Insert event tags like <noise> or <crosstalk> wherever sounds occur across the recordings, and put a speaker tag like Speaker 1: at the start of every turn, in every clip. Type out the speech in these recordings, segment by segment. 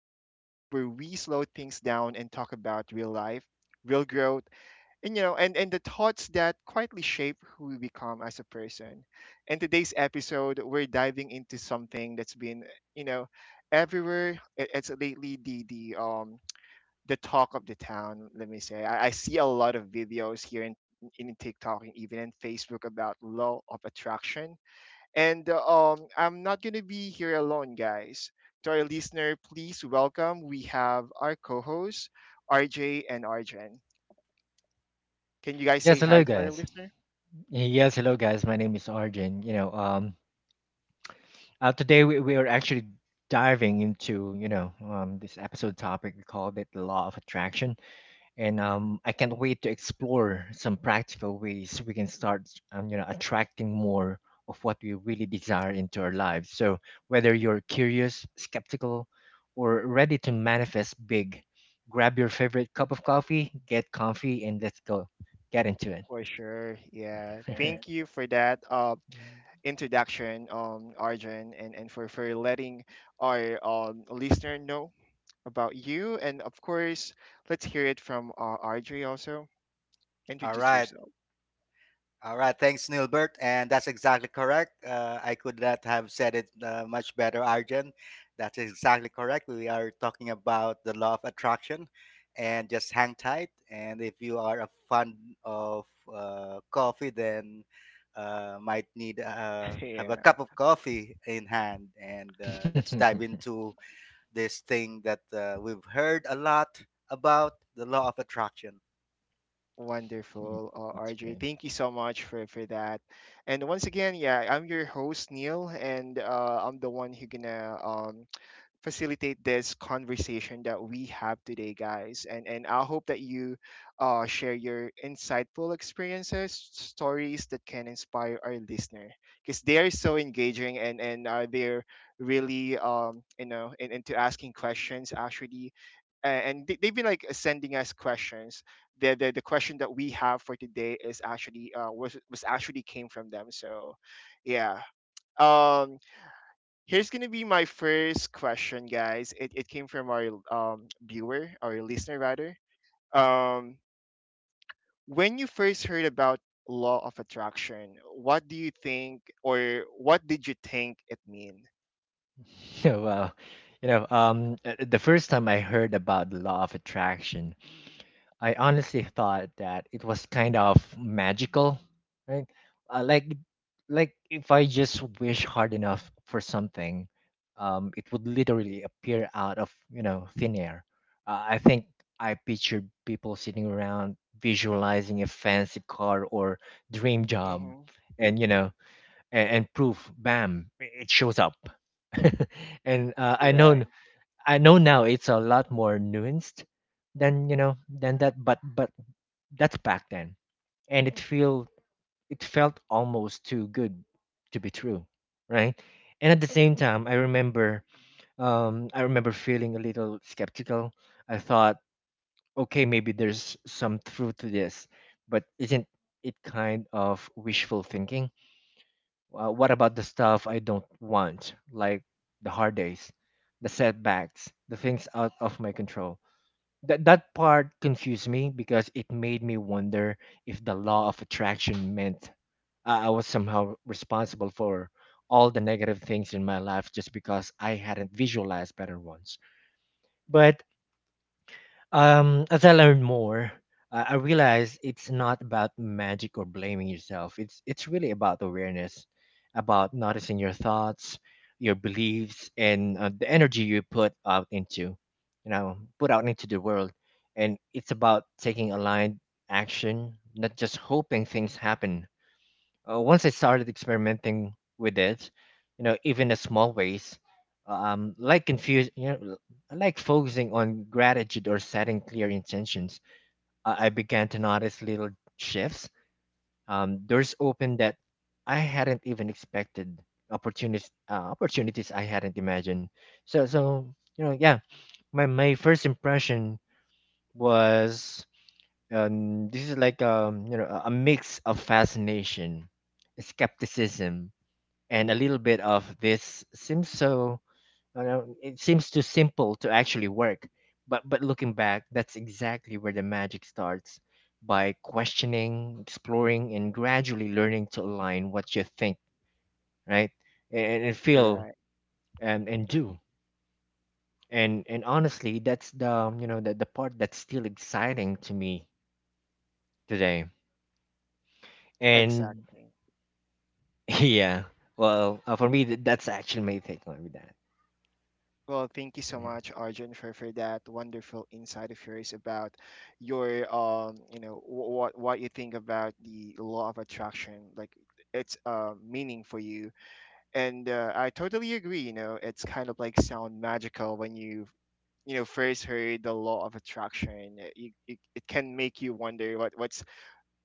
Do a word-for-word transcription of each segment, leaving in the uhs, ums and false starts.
Speaker 1: the space where we slow things down and talk about real life, real growth, and you know, and, and the thoughts that quietly shape who we become as a person. In today's episode, we're diving into something that's been, you know, everywhere. It- It's lately the the um the talk of the town, let me say. I, I see a lot of videos here in in TikTok and even in Facebook about law of attraction and uh, um, I'm not going to be here alone, guys. To our listener, please welcome. We have our co hosts, R J and Arjen. Can you guys
Speaker 2: Yes,
Speaker 1: say
Speaker 2: hello
Speaker 1: hi to our
Speaker 2: guys.
Speaker 1: listener?
Speaker 2: Yes, hello guys. My name is Arjun. You know, um, uh, today we, we are actually diving into you know um, this episode topic we called it the law of attraction, and um, I can't wait to explore some practical ways we can start um, you know attracting more of what we really desire into our lives. So whether you're curious, skeptical, or ready to manifest big, grab your favorite cup of coffee, get comfy, and let's go get into it.
Speaker 1: For sure. Yeah. Thank you for that uh,
Speaker 2: <laughs>
Speaker 1: introduction, um, Arjun, and, and for, for letting our um, listener know about you. And of course, let's hear it from uh, R J also.
Speaker 3: All
Speaker 1: Introduce
Speaker 3: right.
Speaker 1: yourself.
Speaker 3: All right. Thanks, Nilbert. And that's exactly correct. Uh, I could not have said it uh, much better, Arjun. That's exactly correct. We are talking about the law of attraction. And just hang tight. And if you are a fan of uh, coffee, then uh, might need uh, have a
Speaker 1: <laughs>
Speaker 3: cup of coffee in hand. And uh, let's dive
Speaker 2: <laughs>
Speaker 3: into this thing that uh, we've heard a lot about the law of attraction.
Speaker 1: Wonderful, uh,
Speaker 2: That's
Speaker 1: R J.
Speaker 2: great.
Speaker 1: Thank you so much for for that. And once again, yeah, I'm your host Neil, and uh, I'm the one who gonna um facilitate this conversation that we have today, guys. And and I hope that you uh, share your insightful experiences, stories that can inspire our listener because they are so engaging and and uh, they're really um you know in, into asking questions actually a- and they, they've been like sending us questions. The, the the question that we have for today is actually uh was was actually came from them. So, yeah. Um, here's gonna be my first question, guys. It, it came from our um, viewer, our listener rather. Um, when you first heard about law of attraction, what do you think, or what did you think it mean?
Speaker 2: <laughs> Yeah, wow. You know, um, uh, uh, the first time I heard about the law of attraction, I honestly thought that it was kind of magical, right? Uh, like, like if I just wish hard enough for something, um, it would literally appear out of, you know, thin air. Uh, I think I pictured people sitting around visualizing a fancy car or dream job,
Speaker 1: Mm-hmm.
Speaker 2: and you know, and, and poof, bam, it shows up. <laughs> And uh, I know
Speaker 1: Right,
Speaker 2: I know now it's a lot more nuanced than you know than that, but but that's back then, and it feel it felt almost too good to be true, right? And at the same time, I remember um, I remember feeling a little skeptical. I thought, okay, maybe there's some truth to this, but isn't it kind of wishful thinking? Uh, what about the stuff I don't want, like the hard days, the setbacks, the things out of my control? That that part confused me because it made me wonder if the law of attraction meant I I was somehow responsible for all the negative things in my life just because I hadn't visualized better ones. But um, as I learned more, I I realized it's not about magic or blaming yourself. It's it's really about awareness, about noticing your thoughts, your beliefs, and uh, the energy you put out into, you know, put out into the world. And it's about taking aligned action, not just hoping things happen. Uh, once I started experimenting with it, you know, even in small ways, um, like confuse, you know, l- like focusing on gratitude or setting clear intentions, I, I began to notice little shifts. Um, doors opened that I hadn't even expected, opportunities, uh, opportunities I hadn't imagined. So, so you know, yeah, my my first impression was. Um, this is like um, you know a a mix of fascination, skepticism, and a little bit of, this seems so, you know, it seems too simple to actually work, but but looking back, that's exactly where the magic starts, by questioning, exploring, and gradually learning to align what you think, right, and, and feel,
Speaker 1: right,
Speaker 2: and, and do. And and honestly that's the you know the, the part that's still exciting to me today. And
Speaker 1: exactly.
Speaker 2: <laughs> yeah, well uh, for me, th- that's actually my take on with that.
Speaker 1: Well, thank you so
Speaker 2: Yeah.
Speaker 1: much, Arjun, for, for that wonderful insight of yours about your um, you know, what what you think about the law of attraction, like its uh meaning for you and uh, I totally agree. You know, it's kind of like sound magical when you you know first heard the law of attraction. It, you, it, it can make you wonder what what's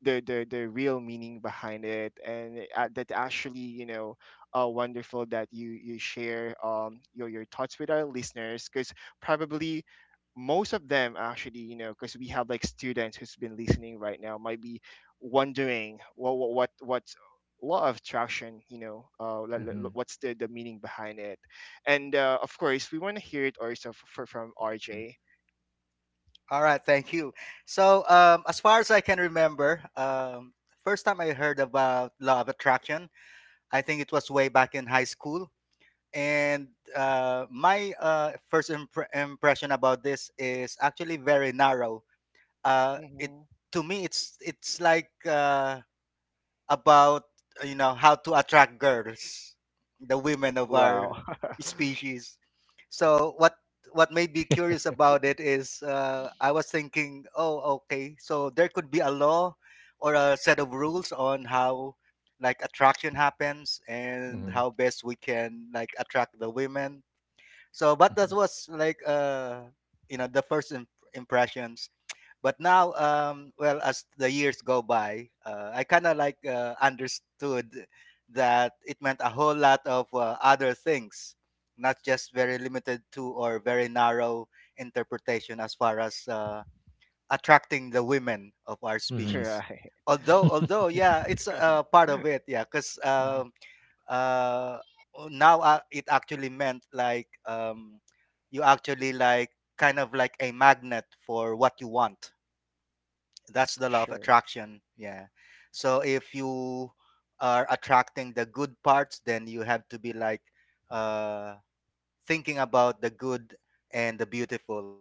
Speaker 1: the the the real meaning behind it and uh, that actually you know uh, wonderful that you you share um your your thoughts with our listeners because probably most of them actually you know because we have like students who's been listening right now might be wondering what what what what's law of attraction you know uh like, like, like, what's the the meaning behind it and uh, of course we want to hear it also f- for, from
Speaker 2: Hmm.
Speaker 1: RJ.
Speaker 3: All right, thank you. So, um, as far as I can remember, um, first time I heard about law of attraction, I think it was way back in high school. And uh, my uh, first impre- impression about this is actually very narrow. Uh, it
Speaker 1: Hmm.
Speaker 3: to me, it's it's like uh, about uh, you know how to attract girls, the women of
Speaker 1: Wow.
Speaker 3: our species. So what what made me curious about it is uh, I was thinking, oh, okay, so there could be a law or a set of rules on how like attraction happens and how best we can like attract the women. So, but that
Speaker 2: Mhm.
Speaker 3: was like uh, you know the first imp- impressions. But now, um, well, as the years go by, uh, I kind of like uh, understood that it meant a whole lot of uh, other things, not just very limited to or very narrow interpretation as far as uh, attracting the women of our
Speaker 1: <laughs>
Speaker 2: Mhm.
Speaker 3: species.
Speaker 1: Right.
Speaker 3: Although, although,
Speaker 2: <laughs>
Speaker 3: yeah, it's uh, part of it, yeah, because um uh, now uh, it actually meant like um, you actually like kind of like a magnet for what you want. That's
Speaker 1: <laughs>
Speaker 3: the law of
Speaker 1: Sure.
Speaker 3: attraction, yeah. So if you are attracting the good parts, then you have to be like uh thinking about the good and the beautiful.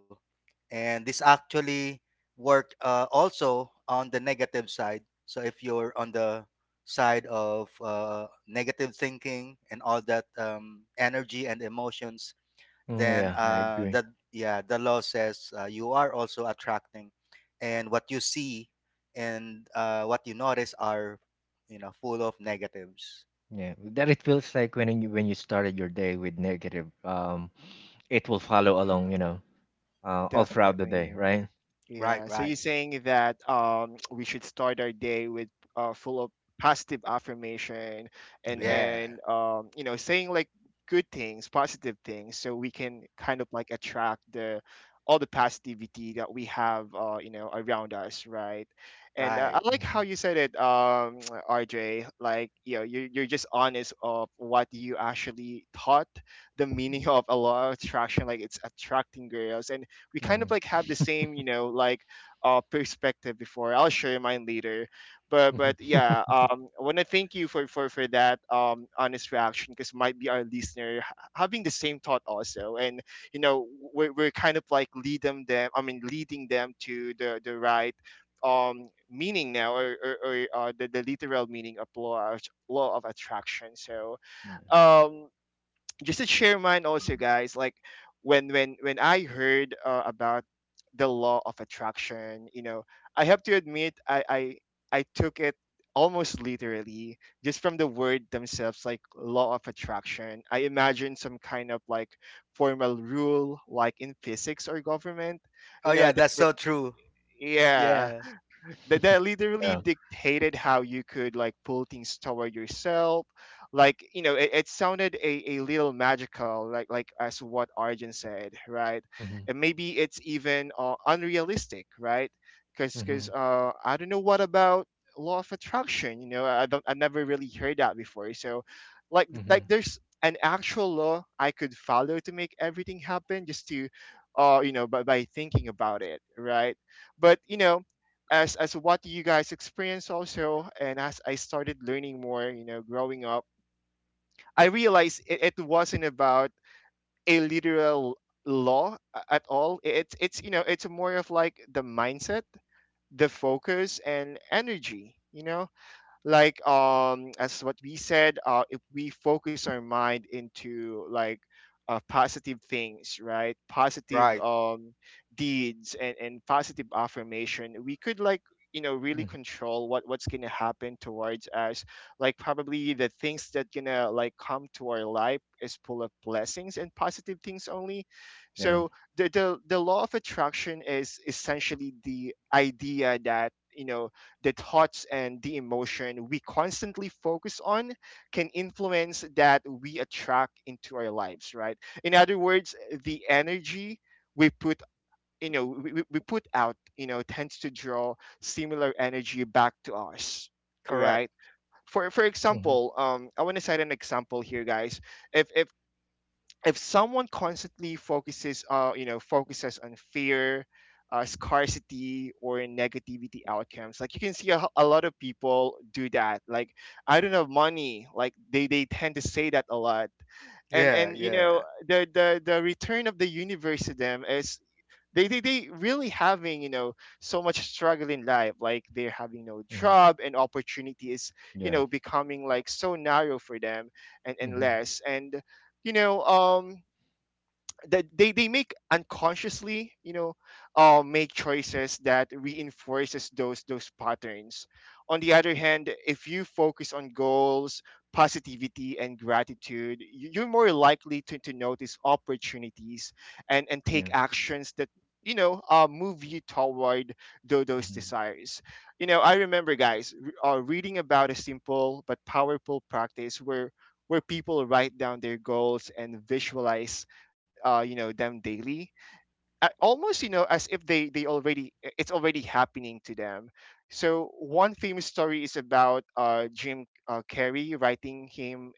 Speaker 3: And this actually work uh, also on the negative side. So if you're on the side of uh, negative thinking and all that um, energy and emotions,
Speaker 2: Mm,
Speaker 3: then
Speaker 2: yeah, I
Speaker 3: uh
Speaker 2: agree.
Speaker 3: that yeah, the law says uh, you are also attracting. And what you see and uh what you notice are you know full of negatives.
Speaker 2: Yeah, that it feels like when you when you started your day with negative, um, it will follow along, you know, uh, all throughout the day,
Speaker 1: Definitely.
Speaker 2: right?
Speaker 3: Right.
Speaker 1: Yeah. So
Speaker 3: Right.
Speaker 1: you're saying that um <tsk> we should start our day with uh full of positive affirmation and
Speaker 2: Mm-hmm.
Speaker 3: Yeah.
Speaker 1: and um you know saying like good things, positive things, so we can kind of like attract the all the positivity that we have uh you know around us, right? And uh,
Speaker 3: Right.
Speaker 1: I like how
Speaker 2: Mm-hmm.
Speaker 1: you said it, um <tsk> R J. Like you know you're you're just honest of what you actually thought the meaning of a lot of attraction like it's attracting girls and we kind of like
Speaker 2: Mm-hmm.
Speaker 1: have the same you know like uh perspective before I'll share mine later but but yeah
Speaker 2: <laughs>
Speaker 1: um I want to thank you for for for that um honest reaction because might be our listener ha- having the same thought also and you know we're, we're kind of like lead them them, I mean leading them to the the right um meaning now or or, or uh, the, the literal meaning of law of, law of attraction so
Speaker 2: Yeah.
Speaker 1: um just to share mine also guys, like when when when I heard uh, about the law of attraction, you know, I have to admit i i I took it almost literally just from the word themselves, like law of attraction I imagined some kind of like formal rule like in physics or government, you
Speaker 3: Oh
Speaker 1: know
Speaker 3: yeah,
Speaker 1: that,
Speaker 3: that's
Speaker 1: that
Speaker 3: so true.
Speaker 1: yeah
Speaker 3: Yeah.
Speaker 1: that, that literally
Speaker 2: Yeah.
Speaker 1: dictated how you could like pull things toward yourself, like you know it, it sounded a, a little magical like like as what Arjun said, right?
Speaker 2: Mm-hmm.
Speaker 1: And maybe it's even uh, unrealistic right because because
Speaker 2: Mm-hmm.
Speaker 1: uh I don't know what about law of attraction, you know i don't I never really heard that before so like like
Speaker 2: Mm-hmm.
Speaker 1: there's an actual law I could follow to make everything happen just to uh you know by, by thinking about it, right? But you know as as what you guys experienced also and as I started learning more, you know, growing up I realized it, it wasn't about a literal law a- at all. it's it's you know it's more of like the mindset, the focus and energy, you know, like um as what we said uh if we focus our mind into like uh, positive things, right? Positive
Speaker 3: Right.
Speaker 1: um deeds and and positive affirmation, we could like you know really
Speaker 2: Mm-hmm.
Speaker 1: control what what's gonna happen towards us, like probably the things that gonna like come to our life is full of blessings and positive things only.
Speaker 2: Yeah.
Speaker 1: So the the, the law of attraction is essentially the idea that you know the thoughts and the emotion we constantly focus on can influence that we attract into our lives, right? In other words, the energy we put you know, we, we we put out you know tends to draw similar energy back to us,
Speaker 3: Correct.
Speaker 1: right? For for
Speaker 2: Mm-hmm.
Speaker 1: example um I want to cite an example here, guys. if if if someone constantly focuses uh you know focuses on fear, uh, scarcity or negativity outcomes, like you can see a, a lot of people do that, like I don't have money, like they they tend to say that a lot, and
Speaker 3: Yeah,
Speaker 1: and you know
Speaker 3: yeah.
Speaker 1: the the the return of the universe to them is they, they, they really having you know so much struggle in life, like they're having no
Speaker 2: Mm-hmm.
Speaker 1: job and opportunity is you
Speaker 2: Yeah.
Speaker 1: know becoming like so narrow for them and, and
Speaker 2: Mm-hmm.
Speaker 1: less and you know um that they, they make unconsciously you know uh, make choices that reinforces those those patterns. On the other hand, if you focus on goals, positivity and gratitude, you- you're more likely to, to notice opportunities and and
Speaker 2: Yeah.
Speaker 1: take actions that you know uh, move you toward tho- those
Speaker 2: Mm-hmm.
Speaker 1: desires. You know I remember guys, r- uh, reading about a simple but powerful practice where where people write down their goals and visualize uh, you know them daily uh, almost you know as if they they already, it's already happening to them. So one famous story is about uh, Jim uh, Carrey writing him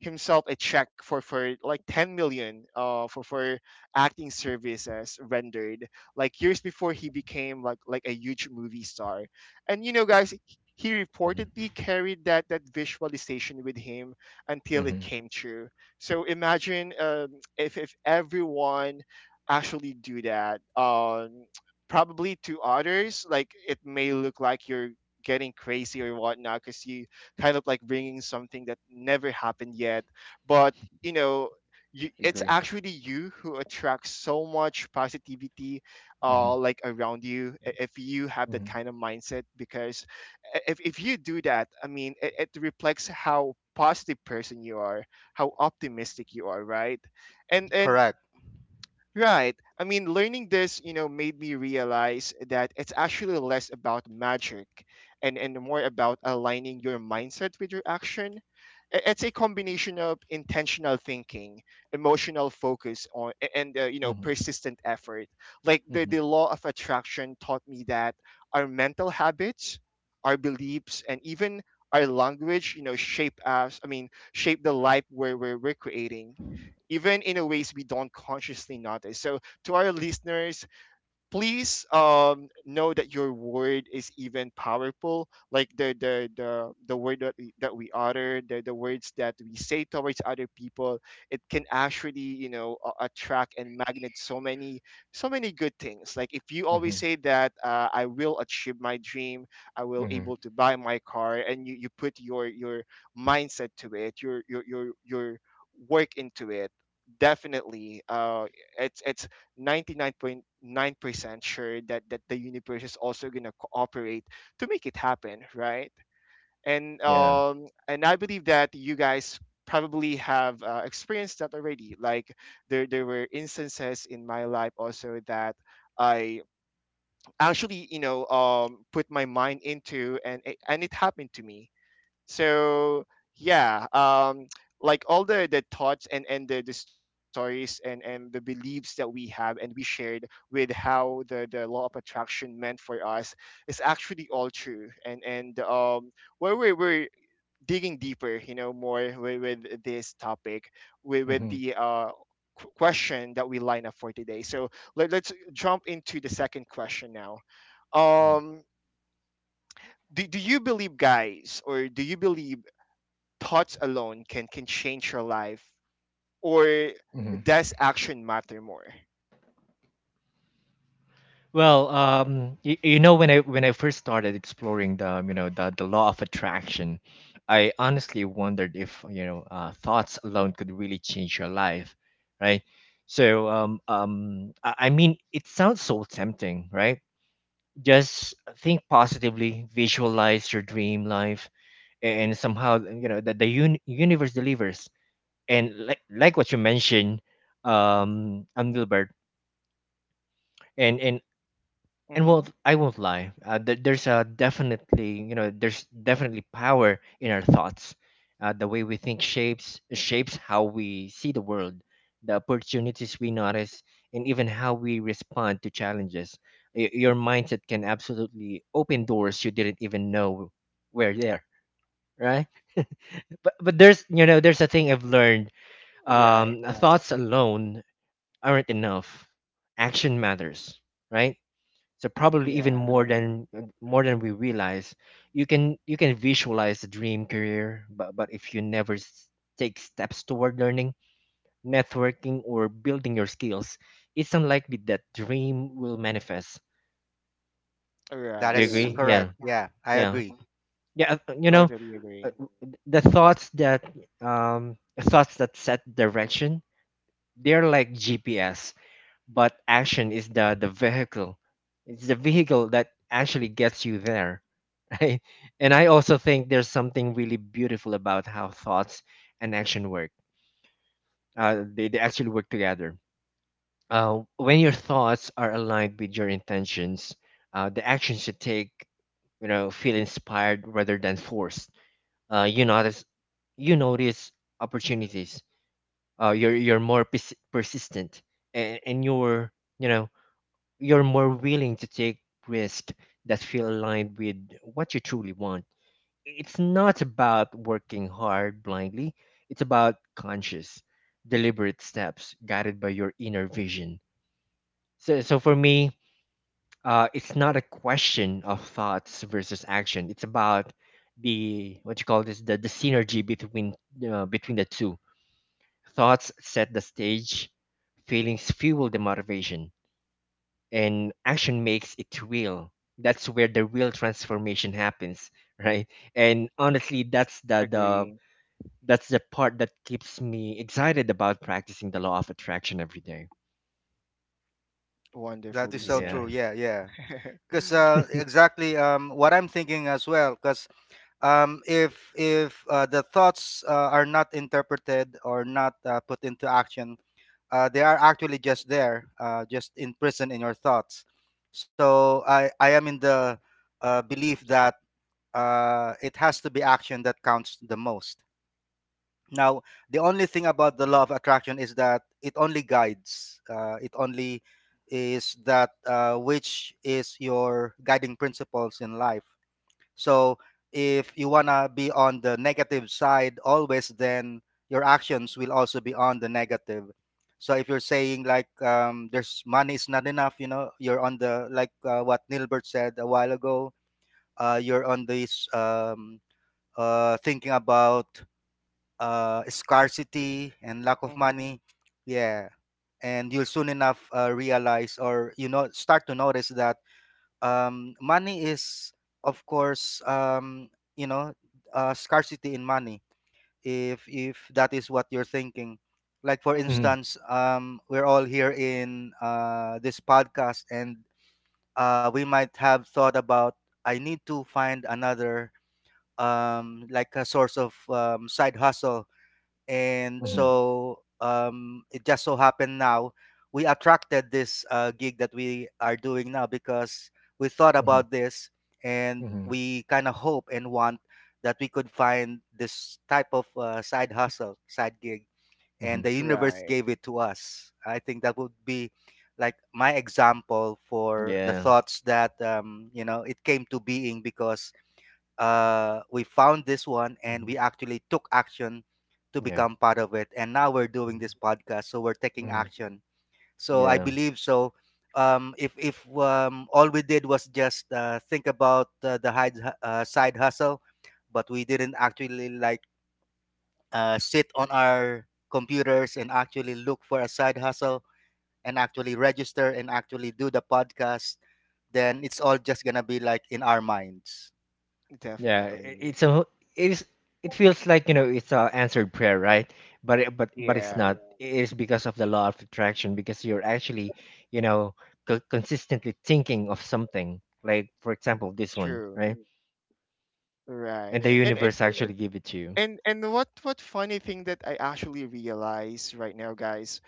Speaker 1: himself a check for for like 10 million uh for for acting services rendered, like years before he became like like a huge movie star. And you know guys, h- he
Speaker 2: Mm-hmm.
Speaker 1: reportedly carried that that visualization with him until it
Speaker 2: Mm-hmm.
Speaker 1: came true. So imagine um, if if everyone actually do that um probably to others like it may look like you're getting crazy or whatnot because you kind of like bringing something that never happened yet, but you know you,
Speaker 2: I
Speaker 1: it's
Speaker 2: agree.
Speaker 1: actually you who attracts so much positivity
Speaker 2: Mm-hmm.
Speaker 1: uh like around you, i- if you have that
Speaker 2: Mm-hmm.
Speaker 1: kind of mindset. Because i- if, if you do that, I mean it, it reflects how positive person you are, how optimistic you are, right? and and
Speaker 3: Correct.
Speaker 1: right. I mean, learning this, you know, made me realize that it's actually less about magic and, and more about aligning your mindset with your action. I- It's a combination of intentional thinking, emotional focus on, a- and, uh, you know,
Speaker 2: Mm-hmm.
Speaker 1: persistent effort. Like the,
Speaker 2: Mm-hmm.
Speaker 1: the law of attraction taught me that our mental habits, our beliefs, and even our language, you know, shape us, I mean, shape the life where we're, we're creating even in a ways we don't consciously notice. So to our listeners, please um know that your word is even powerful, like the the the, the word that we, that we utter, the, the words that we say towards other people. It can actually you know a- attract and magnet so many, so many good things. Like if you always say that uh, I will achieve my dream, I will
Speaker 2: Mm-hmm.
Speaker 1: able to buy my car, and you, you put your your mindset to it, your your your your work into it, definitely uh it's it's ninety-nine point nine percent sure that that the universe is also going to cooperate to make it happen, right? and
Speaker 2: Yeah.
Speaker 1: um and I believe that you guys probably have uh, experienced that already. Like there there were instances in my life also that I actually you know um put my mind into, and it- and it happened to me. So yeah. Um like all the the thoughts and and the, the stories and and the beliefs that we have and we shared, with how the the law of attraction meant for us, is actually all true. And and um where we we're digging deeper, you know more with, with this topic, with, with the uh qu- question that we line up for today. So let, let's jump into the second question now.
Speaker 2: Mm-hmm.
Speaker 1: um do, do you believe, guys, or do you believe thoughts alone can can change your life, or does action matter more?
Speaker 2: Well, um, you, you know, when I when I first started exploring the you know the the law of attraction, I honestly wondered if you know uh, thoughts alone could really change your life, right? So, um, um, I, I mean, it sounds so tempting, right? Just think positively, visualize your dream life, and somehow you know that the un- universe delivers. And like like what you mentioned, um, um, Gilbert, and and and
Speaker 1: Mm-hmm.
Speaker 2: well, I won't lie, uh, there there's a, definitely, you know, there's definitely power in our thoughts. Uh, the way we think shapes shapes how we see the world, the opportunities we notice, and even how we respond to challenges. Y- your mindset can absolutely open doors you didn't even know were there, right? <laughs> But but there's you know there's a thing I've learned.
Speaker 1: Right.
Speaker 2: Um, Right. Thoughts alone aren't enough. Action matters, right? So probably even
Speaker 1: Yeah.
Speaker 2: more than, more than we realize. You can you can visualize the dream career, but but if you never s- take steps toward learning, networking, or building your skills, it's unlikely that dream will manifest.
Speaker 3: That
Speaker 2: Do you Yeah.
Speaker 1: Right.
Speaker 3: is
Speaker 2: agree? Yeah,
Speaker 3: correct. Yeah, I
Speaker 2: yeah,
Speaker 3: agree.
Speaker 2: yeah, yeah. uh, you know
Speaker 1: Totally
Speaker 2: uh,
Speaker 1: agree.
Speaker 2: the thoughts that, um thoughts that set direction, they're like GPS, but action is the the vehicle. It's the vehicle that actually gets you there. <laughs> Right. And I also think there's something really beautiful about how thoughts and action work. Uh, they, they actually work together. Uh, when your thoughts are aligned with your intentions, uh, the actions you take, you know, feel inspired rather than forced. Uh, you notice you notice opportunities, uh, you're you're more pers- persistent, and, and you're, you know, you're more willing to take risks that feel aligned with what you truly want. It's not about working hard blindly, it's about conscious, deliberate steps guided by your inner vision. So, so for me, uh, it's not a question of thoughts versus action. It's about the, what you call this, the, the synergy between, uh, between the two. Thoughts set the stage, feelings fuel the motivation, and action makes it real. That's where the real transformation happens. <laughs> Right. And honestly, that's the the
Speaker 1: Agree.
Speaker 2: that's the part that keeps me excited about practicing the law of attraction every day.
Speaker 3: That is
Speaker 1: Wonderfully
Speaker 3: so
Speaker 2: Yeah.
Speaker 3: true.
Speaker 1: said.
Speaker 3: Yeah, yeah.
Speaker 1: <laughs>
Speaker 3: Because uh exactly um what I'm thinking as well. Because um, if if uh, the thoughts uh, are not interpreted or not uh, put into action, uh, they are actually just there, uh, just imprisoned in your thoughts. So I I am in the uh, belief that uh, it has to be action that counts the most. Now the only thing about the law of attraction is that it only guides. Uh, it only is that uh, which is your guiding principles in life. So if you wanna be on the negative side always, then your actions will also be on the negative. So if you're saying like um, there's money is not enough, you know, you're on the like uh, what Nilbert said a while ago. Uh, you're on this um, uh, thinking about uh, scarcity and lack of
Speaker 1: Mm-hmm.
Speaker 3: money. Yeah, and you'll soon enough uh, realize or you know start to notice that um, money is of course um, you know uh, scarcity in money, if if that is what you're thinking. Like for
Speaker 1: Mm-hmm.
Speaker 2: Mhm,
Speaker 3: instance, um, we're all here in uh, this podcast and uh, we might have thought about, I need to find another um, like a source of um, side hustle. And
Speaker 2: mhm,
Speaker 3: so um, it just so happened now we attracted this uh, gig that we are doing now, because we thought
Speaker 2: mhm,
Speaker 3: about this and
Speaker 2: mhm,
Speaker 3: we kind of hope and want that we could find this type of uh, side hustle, side gig. And
Speaker 2: mhm.
Speaker 3: the universe
Speaker 1: Right.
Speaker 3: gave it to us. I think that would be like my example for the
Speaker 2: Yeah.
Speaker 3: thoughts that um, you know it came to being, because uh, we found this one and
Speaker 2: Mhm.
Speaker 3: we actually took action to
Speaker 2: Yeah.
Speaker 3: become part of it. And now we're doing
Speaker 2: Mhm.
Speaker 3: this podcast, so we're taking
Speaker 2: Mhm.
Speaker 3: action. So I
Speaker 2: Yeah.
Speaker 3: believe so. Um, if if um, all we did was just uh, think about uh, the hide, uh, side hustle, but we didn't actually like uh, sit on our computers and actually look for a side hustle and actually register and actually do the podcast, then it's all just gonna be like in our minds.
Speaker 2: Yeah, i-
Speaker 1: Definitely.
Speaker 2: it's a wh- it is, it feels like, you know, it's a answered prayer, right? But it, but but it's
Speaker 1: Yeah.
Speaker 2: not. It is because of the law of attraction because you're actually, you know, co- consistently thinking of something. Like for example, this one,
Speaker 1: True.
Speaker 2: right? And
Speaker 1: Right.
Speaker 2: the
Speaker 1: and and
Speaker 2: universe actually give it to you.
Speaker 1: and and what what funny thing that I actually realize right now, guys,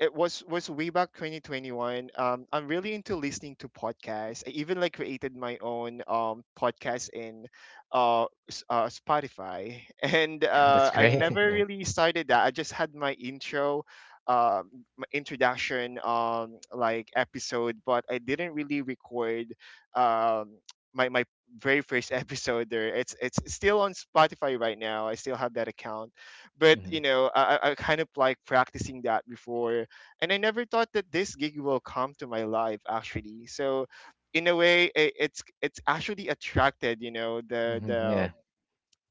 Speaker 1: it was was way back twenty twenty-one. um I'm really into listening to podcasts. I even like created my own um podcast in uh, s- uh Spotify <laughs> and
Speaker 2: <laughs> That's
Speaker 1: uh I
Speaker 2: great. <laughs>
Speaker 1: never
Speaker 2: Yeah.
Speaker 1: really started that. I just had my intro, um my introduction, um like episode, but I didn't really record um <tsk> my my very first <laughs> episode there. It's it's still on Spotify right now. I still have that account. But
Speaker 2: Hmm.
Speaker 1: you know, i, I I kind of like practicing that before, and I never thought that this gig will come to my life actually. So in a way, i- it's it's actually attracted, you know, the
Speaker 2: Hmm.
Speaker 1: the
Speaker 2: Yeah.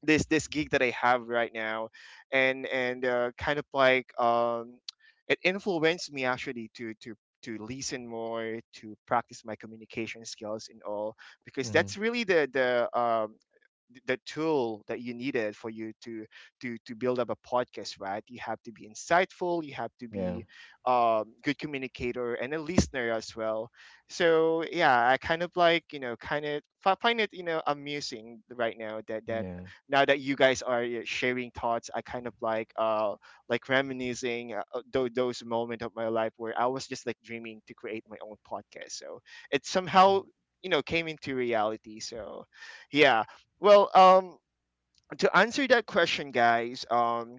Speaker 1: this this gig that I have right now, and and uh, kind of like, um, it influenced me actually to to to listen more, to practice my communication skills and all, because that's
Speaker 2: Hmm.
Speaker 1: really the the um th- the tool that you needed for you to to to build up a podcast, right? You have to be insightful, you have to
Speaker 2: Yeah.
Speaker 1: be um good communicator and a listener as well. So yeah, I kind of like, you know, kind of fi- find it, you know, amusing right now that that
Speaker 2: Yeah.
Speaker 1: now that you guys are uh, sharing thoughts. I kind of like, uh like reminiscing uh, those, those moment of my life where I was just like dreaming to create my own podcast. So it somehow, you know came into reality. So yeah. Well, um, to answer that question, guys, um,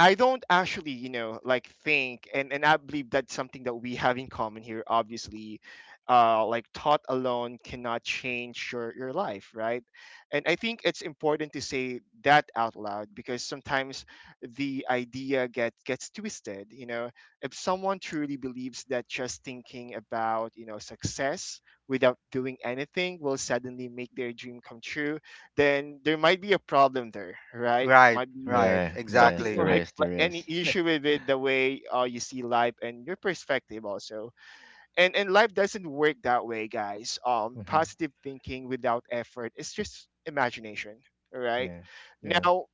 Speaker 1: I don't actually, you know, like think, and and I believe that's something that we have in common here. Obviously, uh, like thought alone cannot change your your life, right? And I think it's important to say that out loud because sometimes the idea get gets twisted. You know, if someone truly believes that just thinking about, you know success without doing anything will suddenly make their dream come true, then there might be a problem there, right?
Speaker 3: Right,
Speaker 1: Might be
Speaker 3: right,
Speaker 2: Yeah. Yes,
Speaker 1: something <laughs>
Speaker 3: exactly.
Speaker 2: there
Speaker 1: like,
Speaker 2: is.
Speaker 1: like
Speaker 2: There
Speaker 1: any
Speaker 2: is. <laughs>
Speaker 1: issue with it, the way uh, you see life and your perspective also. And and life doesn't work that way, guys. Um
Speaker 2: Mhm.
Speaker 1: positive thinking without effort, it's just imagination. All right.
Speaker 2: Yeah. Yeah.
Speaker 1: Now,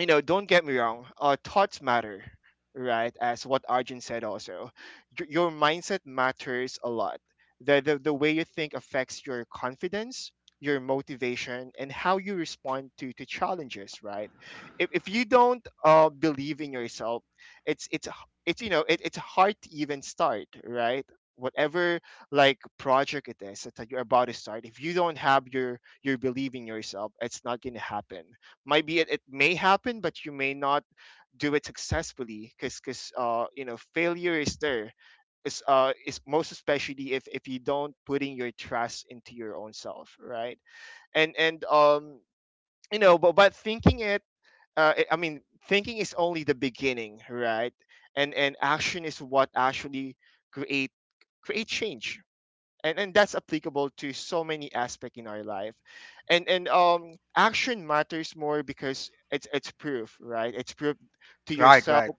Speaker 1: you know, don't get me wrong, uh, thoughts matter, right? As what Arjun said also, Y- your mindset matters a lot. The, the, the way you think affects your confidence, your motivation, and how you respond to, to challenges, right? If, if you don't uh, believe in yourself, it's, it's, h- it's you know, it, it's hard to even start, right? Whatever like project it is that you're about to start, if you don't have your your belief in yourself, it's not going to happen. Might be it, it may happen but you may not do it successfully, because because uh you know failure is there, is uh is most especially if if you don't putting your trust into your own self, right? And and um you know but but thinking it, uh i I mean, thinking is only the beginning, right? And and action is what actually create create change. And, and that's applicable to so many aspects in our life. And and um action matters more because it's it's proof, right, it's proof to
Speaker 3: Right,
Speaker 1: yourself,
Speaker 3: right,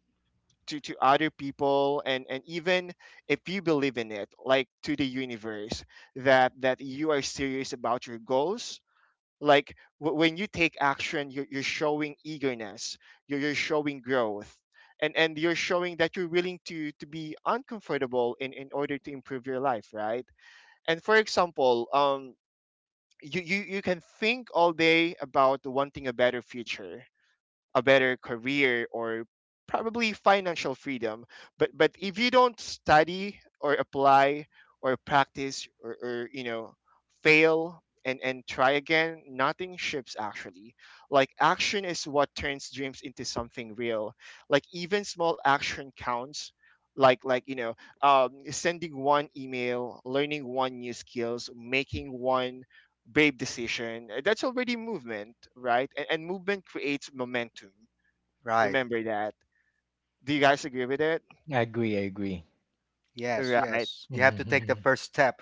Speaker 1: to to other people, and and even if you believe in it, like, to the universe, that that you are serious about your goals. Like w- when you take action, you're, you're showing eagerness, you're, you're showing growth, and and you're showing that you're willing to to be uncomfortable in in order to improve your life, right? And for example, um, you, you, you can think all day about wanting a better future, a better career, or probably financial freedom. But but if you don't study or apply or practice, or, or you know fail and and try again, nothing ships actually. Like action is what turns dreams into something real. Like even small action counts, like, like you know um, sending one email, learning one new skills, making one brave decision, uh, that's already movement, right? And, and movement creates momentum.
Speaker 3: right.
Speaker 1: Remember that. Do you guys agree with it?
Speaker 2: I agree. I agree.
Speaker 3: Yes,
Speaker 1: Right.
Speaker 3: yes. You have to take the
Speaker 2: Hmm.
Speaker 3: first step.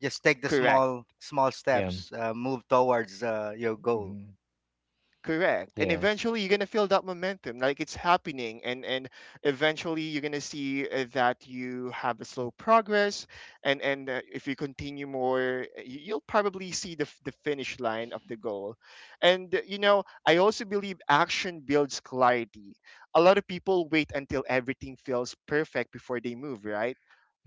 Speaker 3: Just take the
Speaker 1: Correct.
Speaker 3: small, small
Speaker 2: <laughs> Yeah.
Speaker 3: steps. Uh, move towards uh, your goal.
Speaker 2: Mm-hmm.
Speaker 1: Correct. And
Speaker 2: Yes.
Speaker 1: eventually you're going to feel that momentum, like it's happening, and and eventually you're going to see uh, that you have a slow progress. And and uh, if you continue more, uh, you- you'll probably see the f- the finish line of the goal. And uh, you know, I also believe action builds clarity. A lot of people wait until everything feels perfect before they move, right?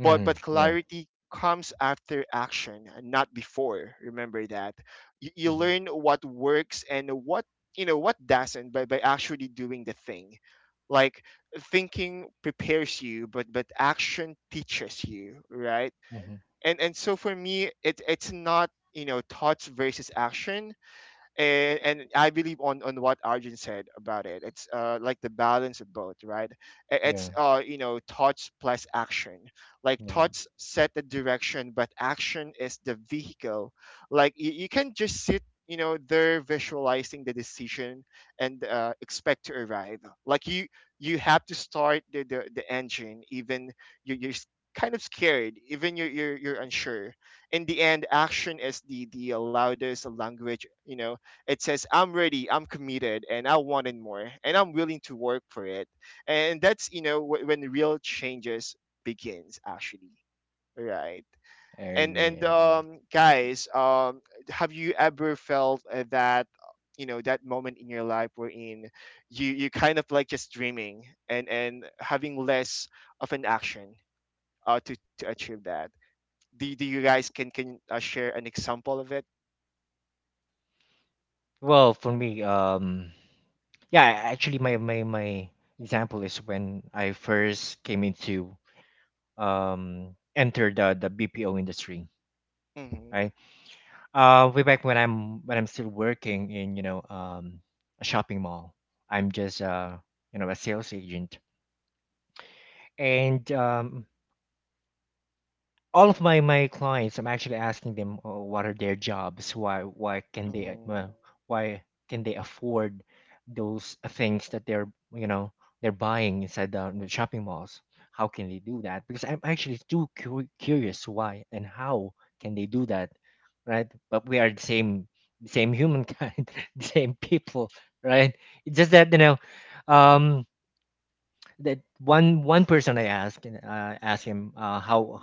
Speaker 1: But but
Speaker 2: Yeah.
Speaker 1: clarity comes after action, not before. Remember that, you, you
Speaker 2: Mm-hmm.
Speaker 1: learn what works and what you know what doesn't by, by actually doing the thing, like thinking prepares you, but but action teaches you, right?
Speaker 2: Mm-hmm.
Speaker 1: And and so for me, it it's not, you know thoughts versus action, and and I believe on on what Arjun said about it. It's uh like the balance of both, right? I- It's
Speaker 2: Yeah.
Speaker 1: uh you know thoughts plus action. Like
Speaker 2: Yeah.
Speaker 1: thoughts set the direction, but action is the vehicle. Like you, you can just sit, you know there visualizing the decision and uh, expect to arrive. Like you you have to start the the, the engine. Even you, you're s- kind of scared, even you're, you're you're unsure. In the end, action is the the loudest language, you know. It says, I'm ready, I'm committed, and I want it more, and I'm willing to work for it. And that's, you know, wh- when real changes begins, actually. Right.
Speaker 2: I
Speaker 1: And,
Speaker 2: agree.
Speaker 1: and,
Speaker 2: I agree.
Speaker 1: um, guys, um, have you ever felt uh, that, you know, that moment in your life wherein you, you kind of like just dreaming, and, and having less of an action, uh, to, to achieve that? do, do you guys can can uh, share an example of it?
Speaker 2: Well, for me, um, yeah, I- actually, my my my example is when I first came into um enter the the B P O industry, right?
Speaker 1: Mm-hmm.
Speaker 2: Uh, way back when I'm when I'm still working in, you know, um a shopping mall, I'm just uh you know a sales agent, and um all of my my clients, I'm actually asking them, uh, what are their jobs, why why can they, uh, uh,
Speaker 1: Mm-hmm.
Speaker 2: why can they afford those things that they're, you know, they're buying inside the, the shopping malls, how can they do that? Because I'm actually too cu- curious why and how can they do that, right? But we are the same, same humankind, <laughs> the same people, right? It's just that, you know, um that one, one person I asked and, uh, asked him, uh, how or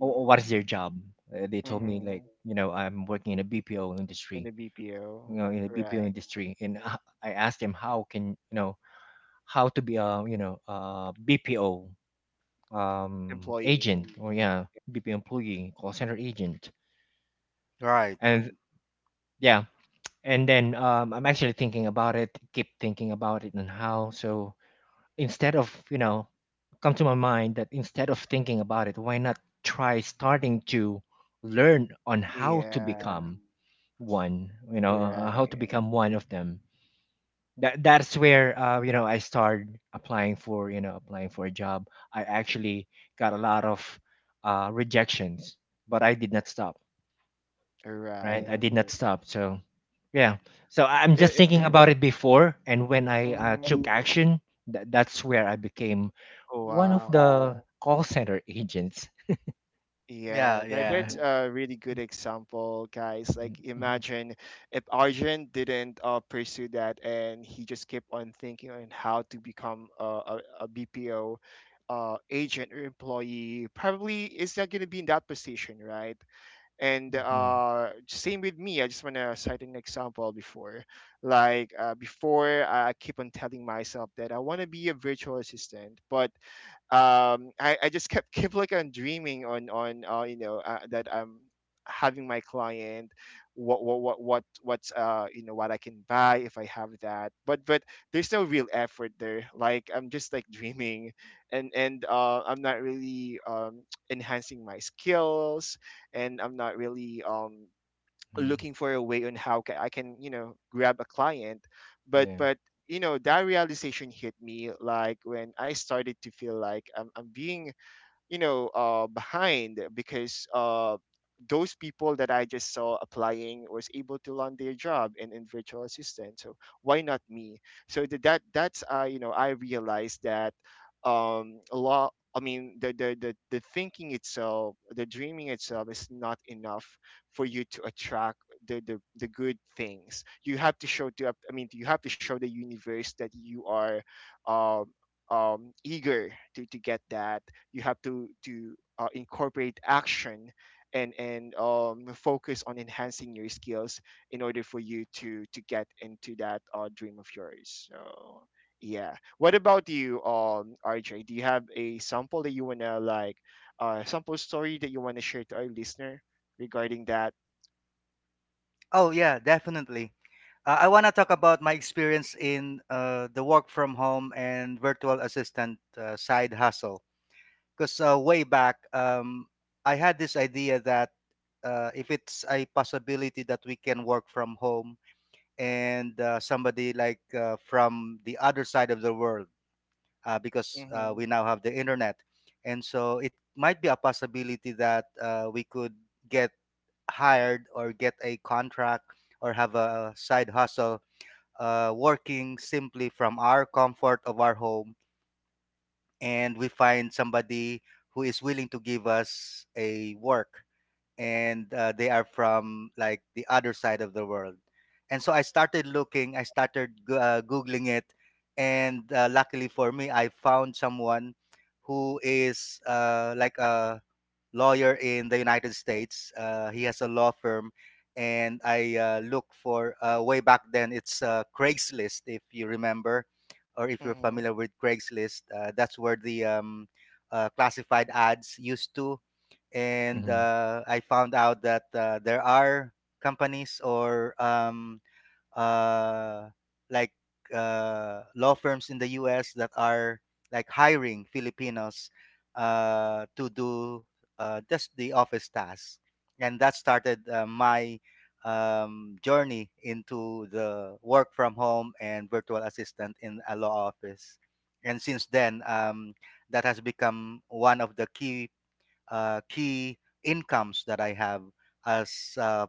Speaker 2: or what is their job. Uh, they told me like,
Speaker 1: Mm-hmm.
Speaker 2: you know, I'm working in a B P O industry,
Speaker 1: In the
Speaker 2: you know,
Speaker 1: B P O,
Speaker 2: in a B P O
Speaker 1: right?
Speaker 2: industry, and I I asked them, how can, you know, how to be a, you know, a B P O um,
Speaker 1: Employee.
Speaker 2: agent, or yeah, B P O employee, call center agent,
Speaker 3: Right.
Speaker 2: and yeah, and then um, I'm actually thinking about it, keep thinking about it, and how so. Instead of, you know, come to my mind that instead of thinking about it, why not try starting to learn on how to
Speaker 1: Yeah,
Speaker 2: become one, you know, uh, uh, how to
Speaker 1: right,
Speaker 2: become one of them. That that's where, uh, you know, I started applying for, you know, applying for a job. I actually got a lot of uh, rejections, but I did not stop, right?
Speaker 1: right.
Speaker 2: I did not stop. So yeah. So I- I'm just
Speaker 1: It, it,
Speaker 2: thinking about it before, and when I, uh,
Speaker 1: mhm.
Speaker 2: took action, tha that's where I became
Speaker 1: Oh,
Speaker 2: one of
Speaker 1: wow.
Speaker 2: the call center agents.
Speaker 3: Yeah,
Speaker 1: Yeah, that,
Speaker 2: Yeah.
Speaker 3: yeah.
Speaker 1: that's a really good example, guys. Like,
Speaker 2: Mm-hmm.
Speaker 1: imagine if Arjun didn't uh, pursue that and he just kept on thinking on how to become a, a, B P O uh, agent or employee, probably is not going to be in that position, right? And uh same with me, I just want to cite an example before, like uh, before i I keep on telling myself that I want to be a virtual assistant, but um I, I just kept <laughs> kept like on dreaming on on uh, you know uh, that I'm having my client, what what what what what's uh you know what I can buy if I have that. But but there's no real effort there, like I'm just like dreaming, and and uh I'm not really um <tsk> enhancing my skills, and I'm not really um
Speaker 2: Hmm.
Speaker 1: looking for a way on how ca- I can, you know, grab a client. But
Speaker 2: Yeah.
Speaker 1: but you know that realization hit me, like when I started to feel like I'm, I'm being, you know uh, behind, because uh, those people that I just saw applying was able to land their job in, in virtual assistant. So why not me? So th- that that's uh, you know I realized that, um, a lot. I mean, the, the the the thinking itself, the dreaming itself, is not enough for you to attract the, the the good things. You have to show to, I mean, you have to show the universe that you are um, um, eager to, to get that. You have to to uh, incorporate action, and and um, focus on enhancing your skills in order for you to to get into that uh, dream of yours. So yeah, what about you, um, R J? Do you have a sample that you wanna, like, uh, sample story that you wanna share to our listener regarding that?
Speaker 3: Oh, yeah, definitely. Uh, I want to talk about my experience in uh, the work from home and virtual assistant uh, side hustle. Because uh, way back, um, I had this idea that uh, if it's a possibility that we can work from home, and uh, somebody like uh, from the other side of the world, uh, because uh,
Speaker 1: Mm-hmm.
Speaker 3: we now have the internet. And so it might be a possibility that uh, we could get hired or get a contract or have a side hustle uh, working simply from our comfort of our home. And we find somebody who is willing to give us a work, and uh, they are from like the other side of the world. And so I started looking, I started go- uh, Googling it. And uh, luckily for me, I found someone who is uh, like a lawyer in the United States. Uh, he has a law firm, and I uh, look for uh, way back then. It's uh, Craigslist, if you remember, or if you're
Speaker 1: Mm-hmm.
Speaker 3: familiar with Craigslist. Uh, that's where the um, uh, classified ads used to, and
Speaker 2: Hmm.
Speaker 3: uh, I found out that uh, there are companies or um, uh, like uh, law firms in the U S that are like hiring Filipinos uh, to do uh, just the office tasks. And that started uh, my um, journey into the work from home and virtual assistant in a law office. And since then, um, that has become one of the key uh, key incomes that I have as uh,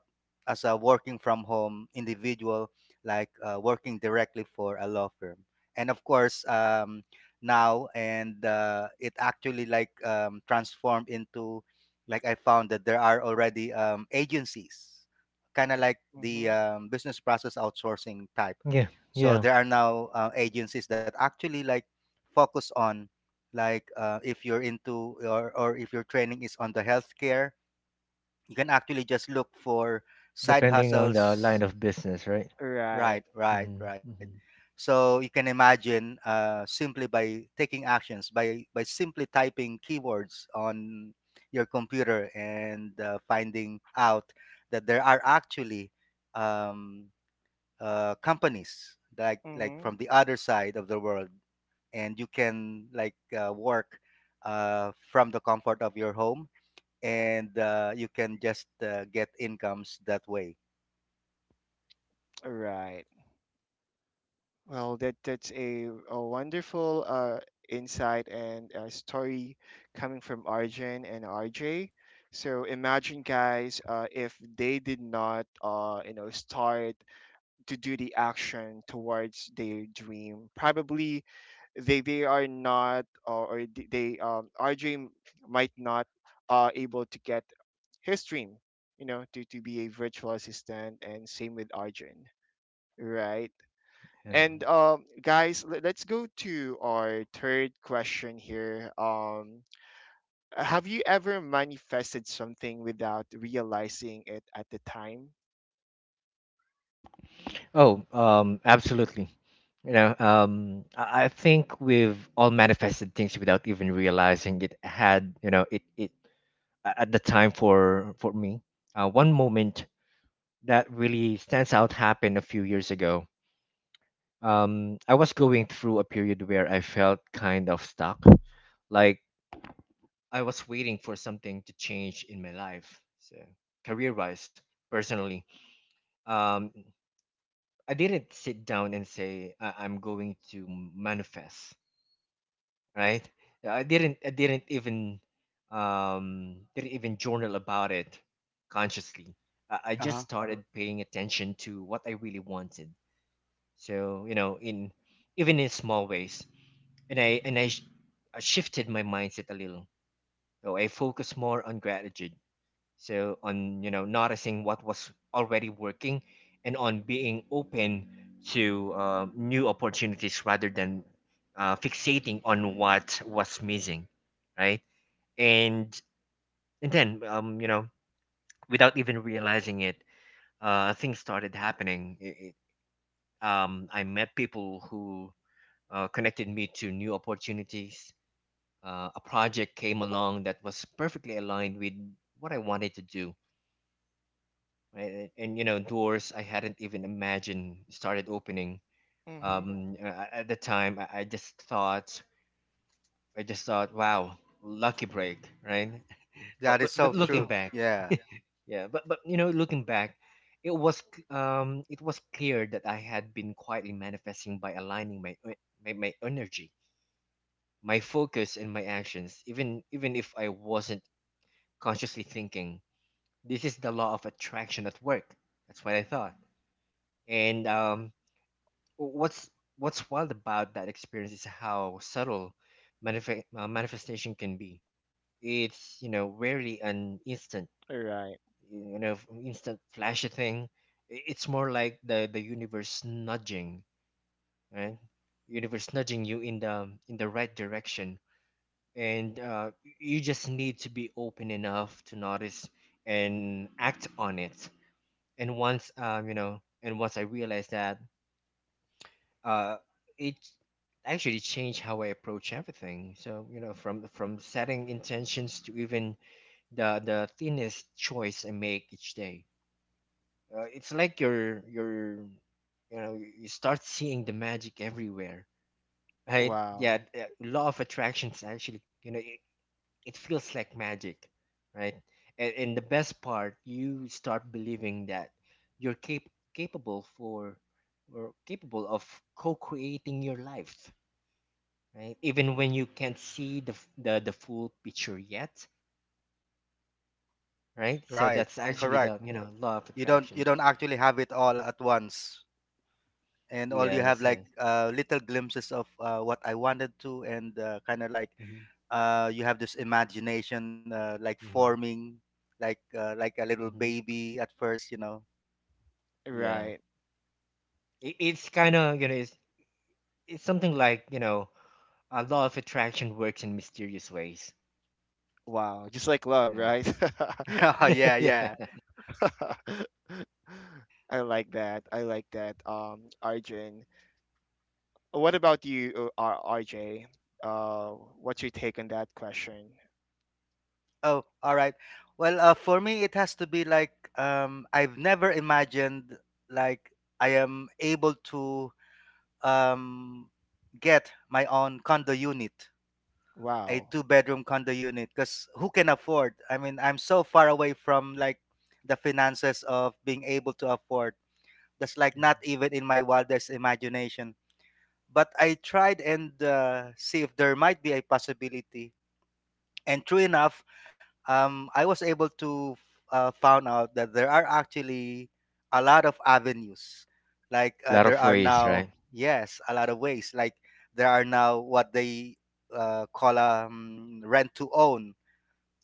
Speaker 3: as a working from home individual, like uh, working directly for a law firm, and of course um, now and uh, it actually like um, transformed into, like I found that there are already um, agencies, kind of like the
Speaker 1: Mm-hmm.
Speaker 3: um, business process outsourcing type.
Speaker 2: Yeah.
Speaker 3: So
Speaker 2: Yeah.
Speaker 3: there are now uh, agencies that actually like focus on, like uh, if you're into or, or if your training is on the healthcare, you can actually just look for side
Speaker 2: Depending on the line
Speaker 3: hustles.
Speaker 2: of business, right?
Speaker 1: Right.
Speaker 3: Right,
Speaker 2: Hmm.
Speaker 3: right, right.
Speaker 2: Hmm.
Speaker 3: So you can imagine, uh, simply by taking actions, by by simply typing keywords on your computer and uh, finding out that there are actually um, uh, companies like like
Speaker 1: Mm-hmm.
Speaker 3: from the other side of the world, and you can like uh, work uh, from the comfort of your home, and uh, you can just uh, get incomes that way.
Speaker 1: Well, that that's a, a wonderful uh, insight and uh story coming from Arjun and R J. So imagine, guys, uh, if they did not, uh, you know, start to do the action towards their dream, probably they they are not, or, or th- they um, R J might not uh, able to get his dream, you know, to to be a virtual assistant, and same with Arjun, right?
Speaker 2: Yeah.
Speaker 1: And um, guys, le- let's go to our third question here. Um, have you ever manifested something without realizing it at the time?
Speaker 2: Oh, um, absolutely. You know, um, I I think we've all manifested things without even realizing it had, you know, it, it a- at the time. for for me, uh, one moment that really stands out happened a few years ago. Um, I was going through a period where I felt kind of stuck, like I was waiting for something to change in my life. So, career wise, personally, um, I didn't sit down and say I- I'm going to manifest, right? I didn't. I didn't even um, didn't even journal about it consciously. I I just
Speaker 3: Uh-huh.
Speaker 2: started paying attention to what I really wanted. So you know in Even in small ways, and i and i, sh- I shifted my mindset a little. So I focus more on gratitude, so on you know noticing what was already working, and on being open to uh, new opportunities rather than uh, fixating on what was missing, right? And and then um you know without even realizing it, uh things started happening. it, it, um I met people who uh, connected me to new opportunities. Uh, a project came along that was perfectly aligned with what I wanted to do, right? And, and, you know, doors I hadn't even imagined started opening.
Speaker 1: Mm-hmm.
Speaker 2: Um, uh, at the time, I, I just thought, I just thought, wow, lucky break, right? <laughs> But
Speaker 3: That
Speaker 2: but
Speaker 3: is
Speaker 2: but
Speaker 3: so
Speaker 2: looking
Speaker 3: true.
Speaker 2: back,
Speaker 3: Yeah.
Speaker 2: yeah, but but you know, looking back, it was c- um, it was clear that I had been quietly manifesting by aligning my e- my, my energy, my focus, and my actions, even even if I wasn't consciously thinking, this is the law of attraction at work. That's what I thought. And um what's what's wild about that experience is how subtle manif- uh, manifestation can be. It's you know rarely an
Speaker 1: Right.
Speaker 2: instant, you know f- instant flashy thing. I- it's more like the the universe nudging, right? Universe nudging you in the in the right direction, and uh, you just need to be open enough to notice and act on it. And once um, you know and once I realized that, uh, it actually changed how I approach everything. So you know from from setting intentions to even the the thinnest choice I make each day. Uh, it's like you're you're you know you start seeing the magic everywhere, right? Yeah,
Speaker 1: Wow.
Speaker 2: the law of attraction is actually, you know, it, it feels like magic, right? And, and the best part, you start believing that you're cap- capable for, or capable of, co-creating your life, right? Even when you can't see the f- the, the full picture yet, right? So
Speaker 3: Right.
Speaker 2: that's
Speaker 1: Mm-hmm.
Speaker 2: actually
Speaker 3: Correct.
Speaker 2: the, you know, law of
Speaker 3: you don't
Speaker 2: attraction.
Speaker 3: you don't actually have it all at once, and all you have
Speaker 2: Yes,
Speaker 3: like
Speaker 2: yes.
Speaker 3: uh, little glimpses of uh, what I wanted to, and uh, kind of like
Speaker 2: Hmm.
Speaker 3: uh, you have this imagination, uh, like
Speaker 2: Hmm.
Speaker 3: forming, like uh, like a little
Speaker 2: Hmm.
Speaker 3: baby at first you know
Speaker 2: Yeah.
Speaker 1: Right.
Speaker 2: It, it's kind of, you know, it's, it's something like, you know, a law of attraction works in mysterious ways.
Speaker 1: Wow. Just like love,
Speaker 2: Yeah.
Speaker 1: right? <laughs>
Speaker 3: <laughs> Yeah,
Speaker 2: <laughs> Yeah.
Speaker 3: yeah.
Speaker 1: I like that. I like that. Um, Arjun, what about you, uh, R- RJ? Uh, what's your take on that question?
Speaker 3: Oh, all right. Well, uh, for me, it has to be like um, I've never imagined like I am able to um, get my own condo unit, a
Speaker 1: Wow.
Speaker 3: two-bedroom condo unit, because who can afford? I mean, I'm so far away from like the finances of being able to afford. That's like not even in my wildest imagination. But I tried and uh, see if there might be a possibility. And true enough, um, I was able to uh, found out that there are actually a lot of avenues. Like
Speaker 2: A
Speaker 3: uh,
Speaker 2: lot
Speaker 3: there
Speaker 2: of
Speaker 3: are
Speaker 2: ways, right?
Speaker 3: now, yes, a lot of ways. Like there are now what they uh, call um, rent to own.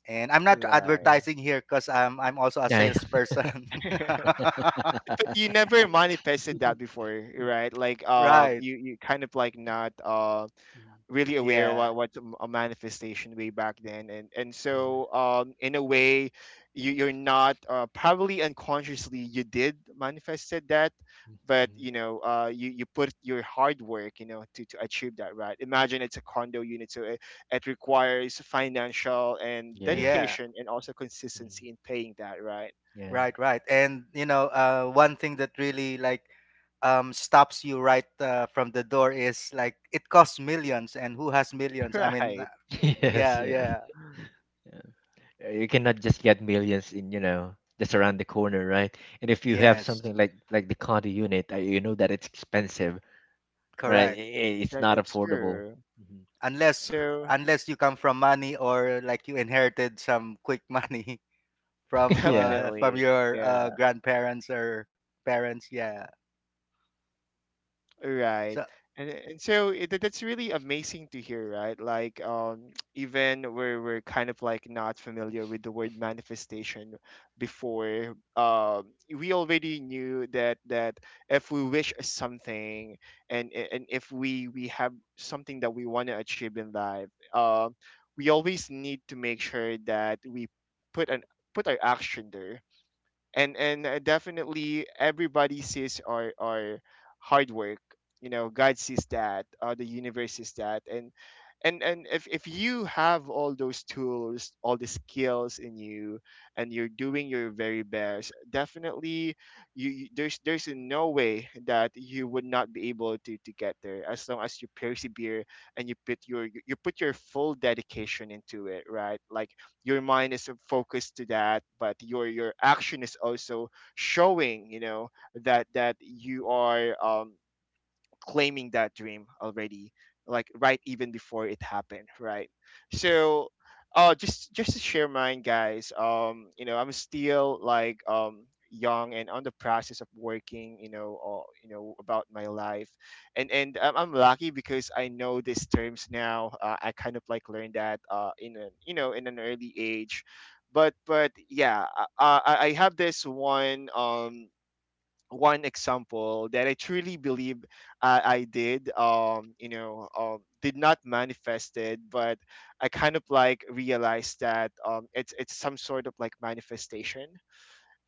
Speaker 3: And I'm not
Speaker 1: Right.
Speaker 2: Mhm.
Speaker 3: advertising here, because I'm I'm also a
Speaker 2: Yeah.
Speaker 3: salesperson.
Speaker 1: <laughs>
Speaker 3: <laughs>
Speaker 1: But you
Speaker 2: <laughs>
Speaker 1: never manifested that before, right? Like um,
Speaker 3: Right.
Speaker 1: you you kind of like not uh
Speaker 2: Mhm.
Speaker 1: really aware
Speaker 3: Yeah.
Speaker 1: what what's a m- a manifestation way back then, and and
Speaker 2: Mhm.
Speaker 1: so um in a way you you're not uh, probably unconsciously you did manifested that.
Speaker 2: Mhm.
Speaker 1: But
Speaker 2: Mhm.
Speaker 1: you
Speaker 2: <laughs>
Speaker 1: know, uh, you you put your hard work, you know, to, to achieve that, right? Imagine it's a condo unit, so it, it requires financial and
Speaker 2: Yeah.
Speaker 3: Yeah.
Speaker 1: dedication, and also
Speaker 2: Mhm.
Speaker 1: consistency in paying that, right?
Speaker 2: Yeah.
Speaker 3: Right, right. And you know, uh, one thing that really like um, stops you right uh, from the door is like it costs millions, and who has
Speaker 1: <laughs>
Speaker 3: millions? I mean, uh,
Speaker 1: Right.
Speaker 2: <laughs> Yes,
Speaker 3: yeah,
Speaker 2: yes.
Speaker 3: yeah,
Speaker 2: Yeah. Uh, You cannot just get millions in, you know, just around the corner, right? And if you have
Speaker 3: yes,
Speaker 2: something like like the condo unit, uh, you know that it's expensive, right?
Speaker 3: correct.
Speaker 2: I- i- It's
Speaker 1: That,
Speaker 2: not
Speaker 1: that's
Speaker 2: affordable.
Speaker 1: true.
Speaker 2: Mhm.
Speaker 3: Unless
Speaker 1: So
Speaker 3: unless you come from money, or like you inherited some quick money <laughs>
Speaker 1: <laughs>
Speaker 2: <laughs>
Speaker 3: from
Speaker 2: Yeah.
Speaker 3: uh, from
Speaker 1: definitely,
Speaker 3: your
Speaker 1: yeah,
Speaker 3: uh, grandparents or parents, yeah. So
Speaker 1: right. And and so it, that- That's really amazing to hear, right? Like um, <tsk> even we're we're kind of like not familiar with the word manifestation before. Um, we already knew that that if we wish something and a- and if we we have something that we want to achieve in life, um, we always need to make sure that we put an put our action there, and and uh, definitely everybody sees our our hard work. You know, God sees that, uh, the universe sees that. And and and if, if you have all those tools, all the skills in you, and you're doing your very best, definitely you you- there's there's no way that you would not be able to to get there as long as you persevere and you put your you put your full dedication into it, right? Like your mind is focused to that, but your your action is also showing, you know, that that you are um claiming that dream already, like right even before it happened, right? So uh just just to share mine, guys. Um you know, I'm still like um young and on the process of working, you know, or you know, about my life. And and i'm, I'm lucky because I know these terms now. uh, I kind of like learned that uh in a, you know, in an early age. but but yeah, i i, I have this one um one example that I truly believe I, I did, um, you know, um, did not manifest it, but I kind of like realized that um, it's it's some sort of like manifestation.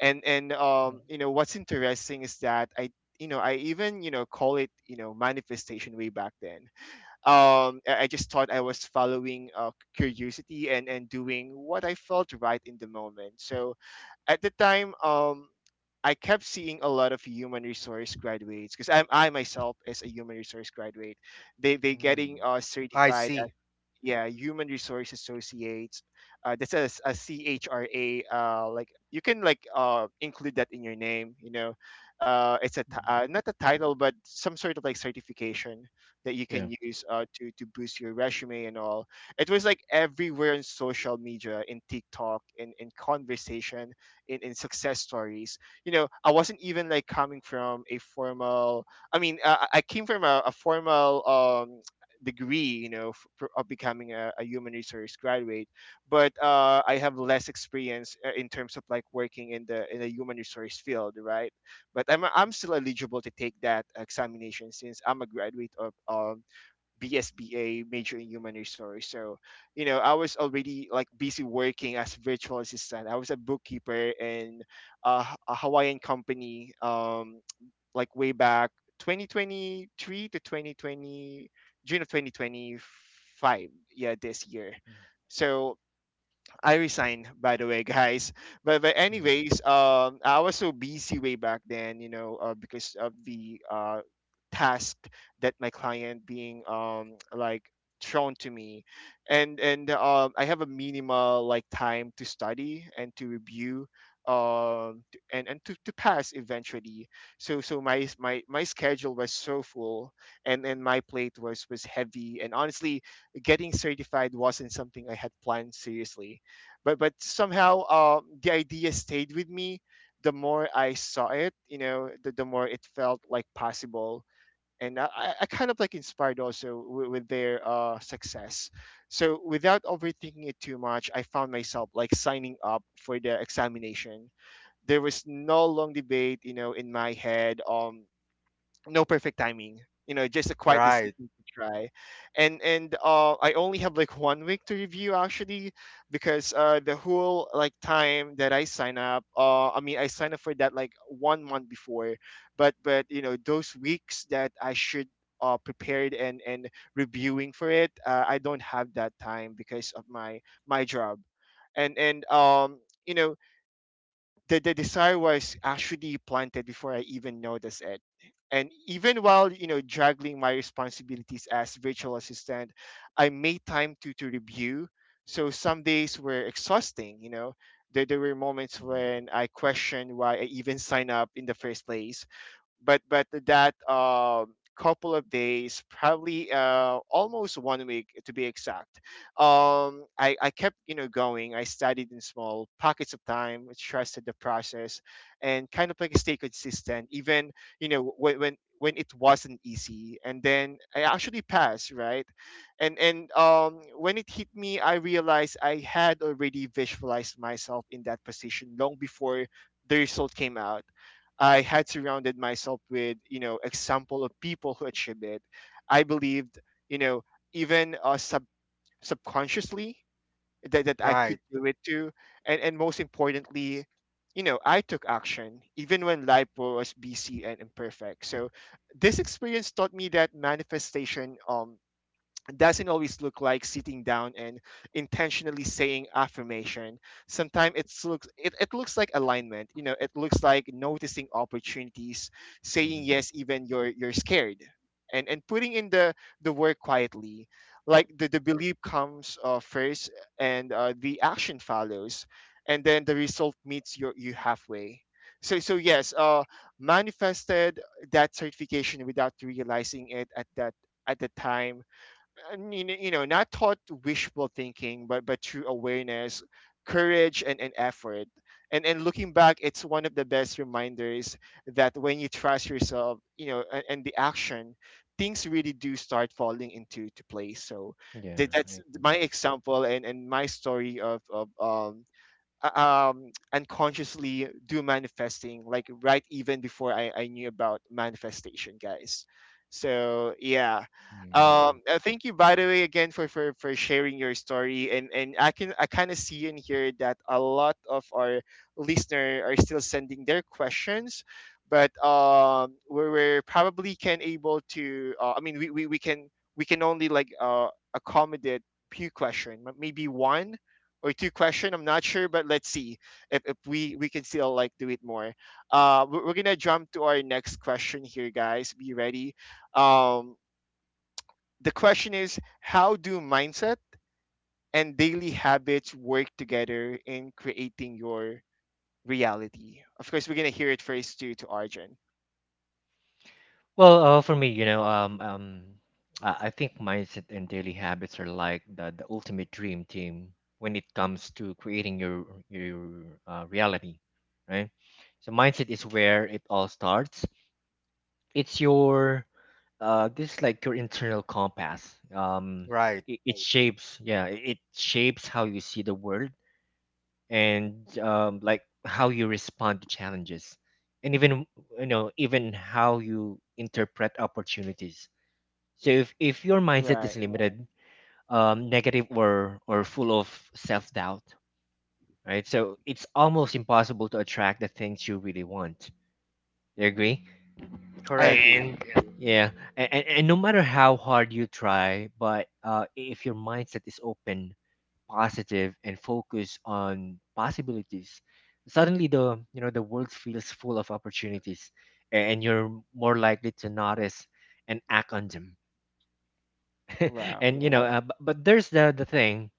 Speaker 1: And and um, you know, what's interesting is that I you know I even you know call it you know manifestation way back then. Um, I I just thought I was following uh, curiosity and and doing what I felt right in the moment. So at the time, um. I kept seeing a lot of human resource graduates because I am I myself is a human resource graduate. They they getting uh,
Speaker 3: I
Speaker 1: certified.
Speaker 3: see.
Speaker 1: Yeah, human resource associates, uh, that's a, s- a C H R A, uh, like you can like uh, include that in your name, you know. Uh, it's a t- uh, not a title but some sort of like certification that you
Speaker 2: Yeah.
Speaker 1: can use uh, to to boost your resume and all. It was like everywhere in social media, in TikTok, in, in conversation, in, in success stories. You know, I wasn't even like coming from a formal, I mean uh, i I came from a, a formal um degree, you know, f- for, of becoming a, a human resource graduate. But uh, I have less experience uh, in terms of like working in the in the human resource field, right? But I'm I'm still eligible to take that examination since I'm a graduate of um, B S B A major in human resource. So you know, I was already like busy working as virtual assistant. I was a bookkeeper in a, a Hawaiian company. Um, like way back twenty twenty-three to twenty twenty June of twenty twenty-five, yeah, this year. So I resigned, by the way, guys. But but anyways, um, I was so busy way back then, you know, uh, because of the uh task that my client being um like thrown to me, and and um I have a minimal like time to study and to review um t- and and to, to pass eventually. So so my my my schedule was so full, and and my plate was was heavy, and honestly, getting certified wasn't something I had planned seriously. But but somehow um, the idea stayed with me. The more I saw it, you know, the, the more it felt like possible. And i, I I kind of like inspired also with, with their uh, success. So without overthinking it too much, I found myself like signing up for the examination. There was no long debate, you know, in my head, um, no perfect timing, you know, just a quiet
Speaker 3: Right,
Speaker 1: decision to try. And and uh, I only have like one week to review actually, because uh, the whole like time that I sign up, uh, I mean I signed up for that like one month before. But but you know, those weeks that I should uh, prepared and and reviewing for it, uh, I don't have that time because of my my job. And and um you know, the, the desire was actually planted before I even noticed it. And even while, you know, juggling my responsibilities as virtual assistant, I made time to, to review. So some days were exhausting, you know. There, there were moments
Speaker 2: Mhm.
Speaker 1: when I questioned why I even signed up in the first place. But but that um couple of days, probably uh almost one week to be exact, um, i i kept, you know, going. I studied in small pockets of time, trusted the process, and kind of like stay consistent even, you know, when when when it wasn't easy. And then I actually passed, right? And and um when it hit me, I realized I had already visualized myself in that position long before the result came out. I had surrounded myself with, you know, example of people who achieved it. I believed, you know, even uh, sub- subconsciously that, that I could
Speaker 3: right,
Speaker 1: do it too. And, and most importantly, you know, I took action even when life was busy and imperfect. So this experience taught me that manifestation um doesn't always look like sitting down and intentionally saying affirmation. Sometimes it looks it, it looks like alignment. You know, it looks like noticing opportunities, saying
Speaker 2: Mhm.
Speaker 1: yes even you're you're scared, and and putting in the the work quietly. Like the, the belief comes uh, first, and uh, the action follows, and then the result meets your you halfway. So so yes uh manifested that certification without realizing it at that at the time, and you know, you know not taught wishful thinking, but but through awareness, courage, and, and effort. And and looking back, it's one of the best reminders that when you trust yourself, you know, and, and the action, things really do start falling into to place. So
Speaker 2: Yeah.
Speaker 1: that, that's
Speaker 2: I
Speaker 1: my example and and my story of of um uh, um unconsciously do manifesting, like right even before I, I knew about manifestation, guys. So yeah. Um
Speaker 2: agree.
Speaker 1: uh, thank you, by the way, again for for, for sharing your story. And and I can, I kind of see and hear that a lot of our listener are still sending their questions. But um we're, we're probably can able to uh, I mean we, we we can, we can only like uh accommodate few question, m- maybe one or two question. I'm not sure, but let's see if, if we we can still like do it more. Uh, we're, we're gonna jump to our next question here, guys. Be ready. Um, the question is, how do mindset and daily habits work together in creating your reality? Of course, we're gonna hear it first too, to Arjun.
Speaker 2: Well, uh, for me, you know, um, um, I I think mindset and daily habits are like the, the ultimate dream team when it comes to creating your your uh, reality, right? So mindset is where it all starts. It's your, uh, this is like your internal compass. Um,
Speaker 3: right.
Speaker 2: it, it shapes, yeah, it it shapes how you see the world and, um, like how you respond to challenges, and even, you know, even how you interpret opportunities. So if, if your mindset
Speaker 1: Right.
Speaker 2: is limited, um, negative, or or full of self doubt, right? So it's almost impossible to attract the things you really want. You agree?
Speaker 1: I
Speaker 3: Correct,
Speaker 1: agree.
Speaker 2: And yeah, and, and, and no matter how hard you try, but uh, if your mindset is open, positive, and focused on possibilities, suddenly the, you know, the world feels full of opportunities, a- and you're more likely to notice and act on them. <laughs>
Speaker 1: Wow.
Speaker 2: And you know uh, but, but there's the the thing,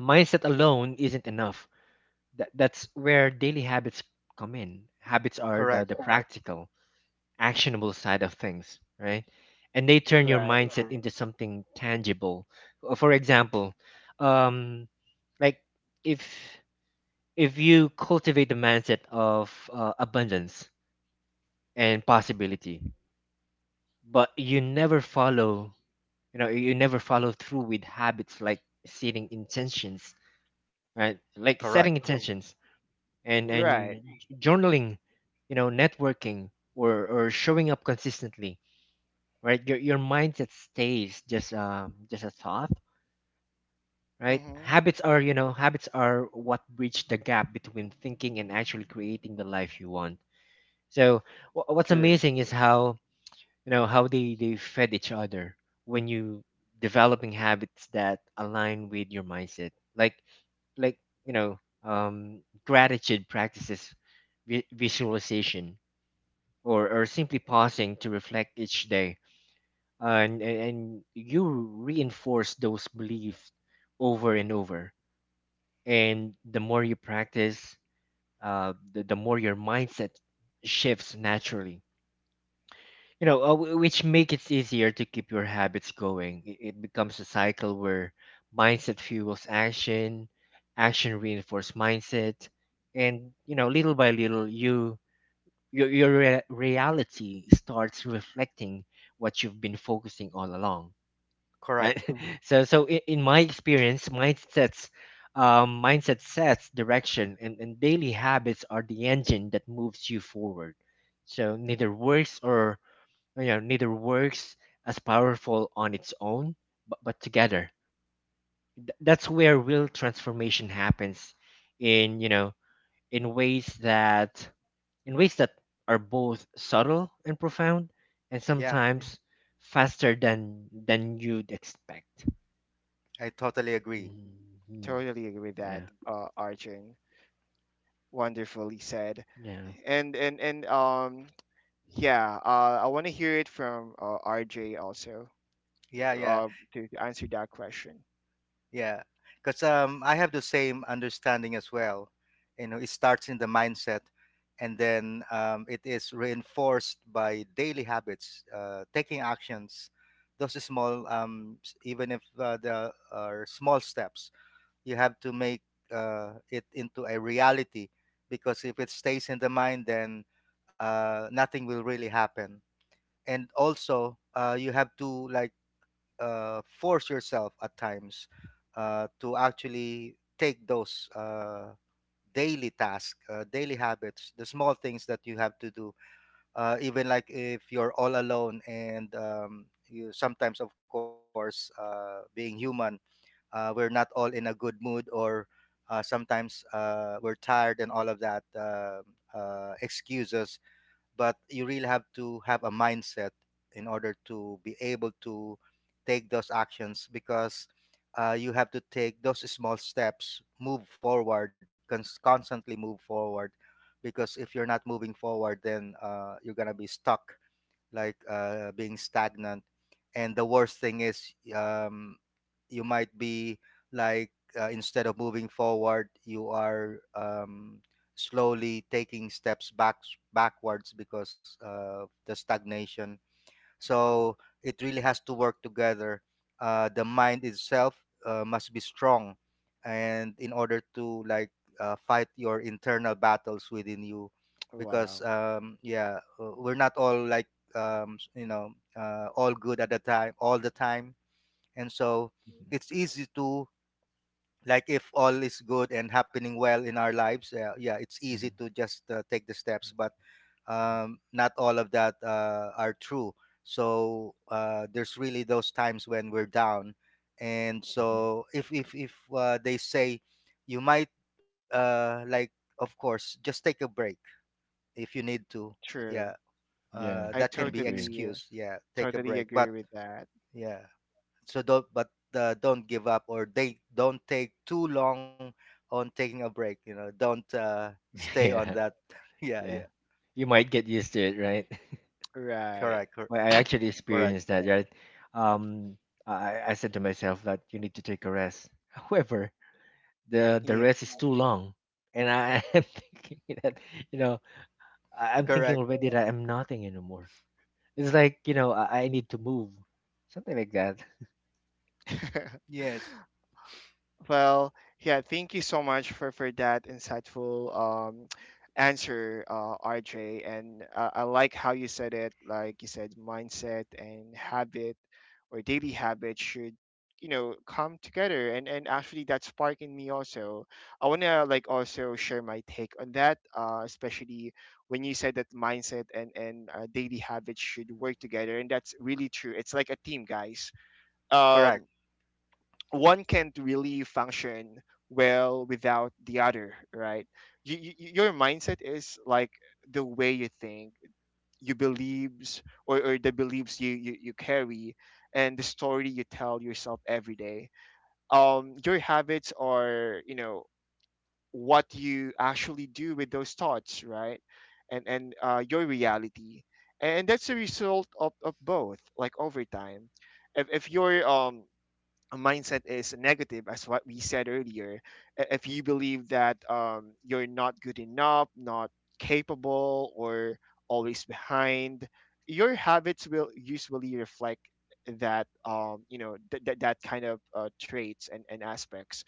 Speaker 2: mindset alone isn't enough. That, that's where daily habits come in. Habits are the,
Speaker 3: correct,
Speaker 2: the Right. practical, actionable side of things, right? And they turn your
Speaker 1: Right.
Speaker 2: mindset Mhm. into something tangible. Uh, for example, um like, if if you cultivate the mindset of uh, abundance and possibility, but you never follow, you know, you never follow through with habits like setting intentions, right?
Speaker 3: correct,
Speaker 2: Like setting intentions and
Speaker 1: Right.
Speaker 2: and journaling, you know, networking, or or showing up consistently, right? your your mindset stays just, um, just a thought, right?
Speaker 1: Mm-hmm.
Speaker 2: Habits are, you know, habits are what bridge the gap between thinking and actually creating the life you want. So wh- what's
Speaker 1: True.
Speaker 2: amazing is how, you know, how they they fed each other. When you developing habits that align with your mindset, like like you know, um, gratitude practices, vi- visualization, or, or simply pausing to reflect each day, and, and and you reinforce those beliefs over and over. And the more you practice, uh, the, the more your mindset shifts naturally, you know, uh, wh- which make it easier to keep your habits going. I- It becomes a cycle where mindset fuels action, action reinforces mindset, and you know, little by little, you your your rea- reality starts reflecting what you've been focusing all along,
Speaker 3: correct.
Speaker 2: right? <laughs> So, so in, in my experience, mindsets. Um, mindset sets direction and, and daily habits are the engine that moves you forward. So neither works, or you know, neither works as powerful on its own. but, but together, Th- that's where real transformation happens in, you know, in ways that in ways that are both subtle and profound, and
Speaker 3: Yeah,
Speaker 2: sometimes faster than than you'd expect.
Speaker 3: I totally agree.
Speaker 2: Mhm.
Speaker 1: Totally agree with that,
Speaker 2: Yeah.
Speaker 1: uh, Arjun. Wonderfully said.
Speaker 2: Yeah.
Speaker 1: And and and um yeah, uh, I want to hear it from uh, R J also
Speaker 3: Yeah, yeah.
Speaker 1: uh, to, to answer that question.
Speaker 3: Yeah, because um, I have the same understanding as well. You know, it starts in the mindset, and then um, it is reinforced by daily habits, uh, taking actions. Those are small, um, s- even if uh, there are small steps, you have to make uh, it into a reality. Because if it stays in the mind, then uh, nothing will really happen. And also, uh, you have to like uh, force yourself at times, uh, to actually take those uh, daily tasks, uh, daily habits, the small things that you have to do. Uh, even like if you're all alone and um, you sometimes, of course, uh, being human, uh, we're not all in a good mood or uh, sometimes uh, we're tired and all of that uh, uh, excuses, but you really have to have a mindset in order to be able to take those actions, because uh, you have to take those small steps, move forward, cons- constantly move forward, because if you're not moving forward then uh, you're gonna be stuck, like uh, being stagnant. And the worst thing is, um, you might be like uh, instead of moving forward, you are um, slowly taking steps back backwards because of the stagnation. So it really has to work together. Uh, the mind itself uh, must be strong, and in order to like uh, fight your internal battles within you, because
Speaker 1: Wow,
Speaker 3: um, yeah, uh, we're not all like um, s- you know uh, all good at the time, all the time, and so it's easy to, like if all is good and happening well in our lives, uh, yeah, it's easy to just uh, take the steps. But um, not all of that uh, are true. So uh, there's really those times when we're down, and so if if if uh, they say you might, uh, like, of course just take a break if you need to.
Speaker 1: true.
Speaker 3: Yeah. Uh,
Speaker 1: I
Speaker 3: that can be
Speaker 1: totally
Speaker 3: excuse, yeah, take a
Speaker 1: totally
Speaker 3: break.
Speaker 1: agree
Speaker 3: But
Speaker 1: with that.
Speaker 3: yeah. So don't but uh, don't give up, or they don't take too long on taking a break. You know don't uh,
Speaker 2: <laughs>
Speaker 3: stay on
Speaker 2: Yeah.
Speaker 3: that. <laughs> Yeah, yeah.
Speaker 2: Yeah, you might get used to it, right? <laughs>
Speaker 3: Correct.
Speaker 1: Right.
Speaker 3: cor-
Speaker 2: Well, I actually
Speaker 3: correct
Speaker 2: experienced that, right? Um, I, I said to myself that you need to take a rest. <laughs> However, the the
Speaker 1: Yeah.
Speaker 2: rest is too long, and I <laughs> am thinking that, you know, I- I'm
Speaker 3: Correct.
Speaker 2: thinking already that I'm nothing anymore. It's like, you know, I, I need to move, something like that.
Speaker 3: Yes,
Speaker 1: <laughs> Well, yeah, thank you so much for for that insightful um <tsk> answer, uh, R J. And uh, I like how you said it. Like you said, mindset and habit or daily habit should you know come together, and and actually that spark in me also. I want to like also share my take on that, uh especially when you said that mindset and and uh, daily habits should work together. And that's really true. It's like a team, guys.
Speaker 3: correct.
Speaker 1: um One can't really function well without the other, right? You, you, your mindset is like the way you think, you believes, or, or the beliefs you, you you carry, and the story you tell yourself every day. Um your habits are, you know, what you actually do with those thoughts, right? and and uh, Your reality, and that's a result of, of both, like, over time. If, if you're um a mindset is negative, as what we said earlier, i- if you believe that um, you're not good enough, not capable, or always behind, your habits will usually reflect that. Um you know, th- th- that kind of uh, traits and, and aspects.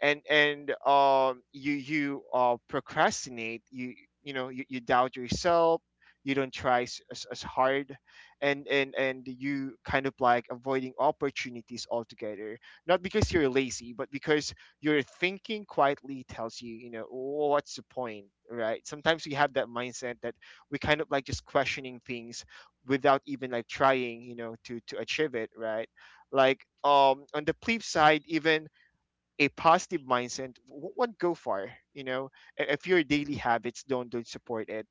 Speaker 1: And and um you you uh procrastinate, you you know, you, you doubt yourself, you don't try s- as, as hard, and and and you kind of like avoiding opportunities altogether, not because you're lazy, but because your thinking quietly tells you, you know, what's the point, right? Sometimes we have that mindset that we kind of like just questioning things without even like trying, you know, to to achieve it, right? Like um on the flip side, even a positive mindset w- won't go far, you know, I- if your daily habits don't don't support it.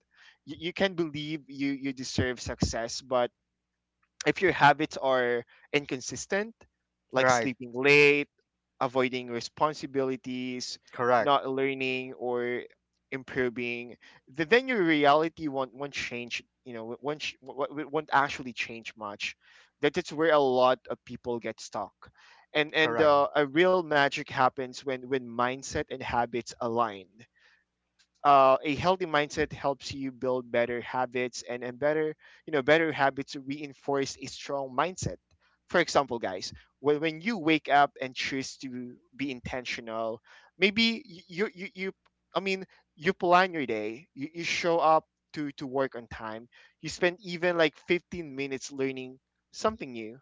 Speaker 1: you, You can believe you you deserve success, but if your habits are inconsistent, like
Speaker 3: Right.
Speaker 1: sleeping late, avoiding responsibilities,
Speaker 3: Correct,
Speaker 1: not learning or improving, th- then your reality won't won't change. You know, won't ch- won't won't- won't actually change much. That is where a lot of people get stuck, and and
Speaker 3: correct.
Speaker 1: uh, a real magic happens when when mindset and habits align. Uh, a healthy mindset helps you build better habits, and, and better, you know, better habits reinforce a strong mindset. For example, guys, when, when you wake up and choose to be intentional, maybe y- you you, you i mean you plan your day, you, you show up to to work on time, you spend even like fifteen minutes learning something new.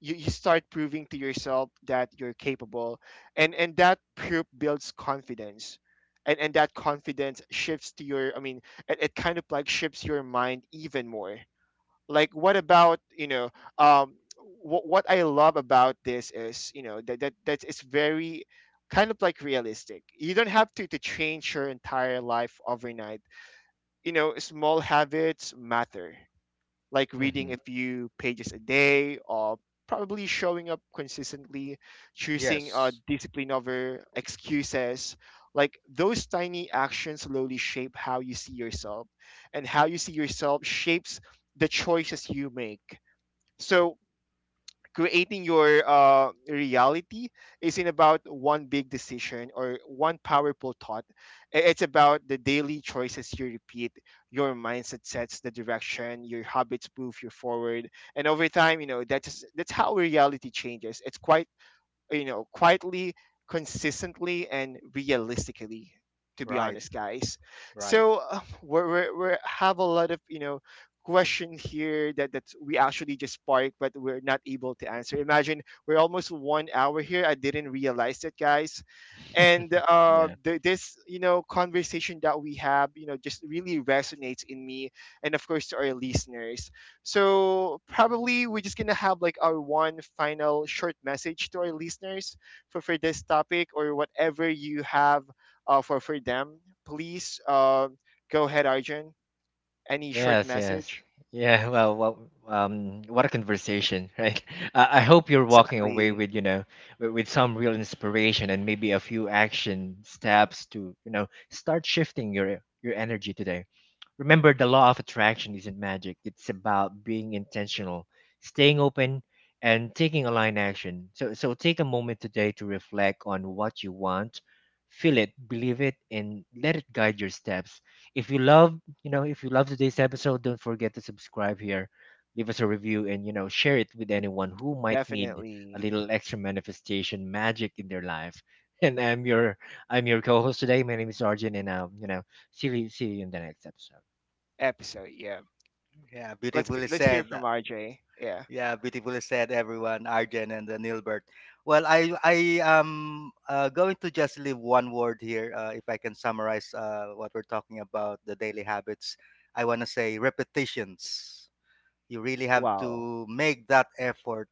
Speaker 1: you, You start proving to yourself that you're capable, and and that proof builds confidence, and and that confidence shifts to your, i mean it, it kind of like shifts your mind even more. Like, what about, you know, um what, what I love about this is, you know, that that that is very kind of like realistic. You don't have to to change your entire life overnight, you know. Small habits matter, like reading a few pages a day, or probably showing up consistently, choosing uh,
Speaker 3: Yes.
Speaker 1: discipline over excuses. Like those tiny actions slowly shape how you see yourself, and how you see yourself shapes the choices you make. So creating your uh, reality isn't about one big decision or one powerful thought. I- It's about the daily choices you repeat. Your mindset sets the direction. Your habits move you forward, and over time, you know, that's that's how reality changes. It's quite, you know, quietly, consistently, and realistically. To be
Speaker 3: Right,
Speaker 1: honest, guys.
Speaker 3: right.
Speaker 1: So um, we're, we're, we're have a lot of, you know, question here that that we actually just sparked, but we're not able to answer. Imagine we're almost one hour here. I didn't realize that, guys, and uh, the, this, you know, conversation that we have, you know, just really resonates in me, and of course to our listeners. So probably we're just gonna have like our one final short message to our listeners for for this topic, or whatever you have uh, for for them. Please, uh, go ahead, Arjun. Any short
Speaker 2: Yes, yes.
Speaker 1: message?
Speaker 2: Yeah, <laughs> well, well, um, what a conversation, right? <laughs> I I hope you're walking away
Speaker 1: Exactly.
Speaker 2: with, you know, with, with some real inspiration and maybe a few action steps to, you know, start shifting your your energy today. Remember, the law of attraction isn't magic, it's about being intentional, staying open, and taking aligned action. So, so take a moment today to reflect on what you want, feel it, believe it, and let it guide your steps. If you love, you know, if you love today's episode, don't forget to subscribe here, leave us a review, and you know, share it with anyone who might need a
Speaker 1: Definitely.
Speaker 2: little extra manifestation magic in their life. <laughs> And I'm your I'm your co-host today. My name is Arjun, and uh, you know, see you see you in the next episode.
Speaker 1: Episode. Yeah.
Speaker 3: Yeah,
Speaker 1: Let's
Speaker 3: beautifully
Speaker 1: g- let's hear
Speaker 3: said.
Speaker 1: from R J. Yeah.
Speaker 3: Yeah, beautifully said, everyone. Arjen and uh, Nilbert. Well, I I am uh, going to just leave one word here. Uh, if I can summarize uh, what we're talking about, the daily habits. I want to say repetitions. You really have
Speaker 1: Wow.
Speaker 3: to make that effort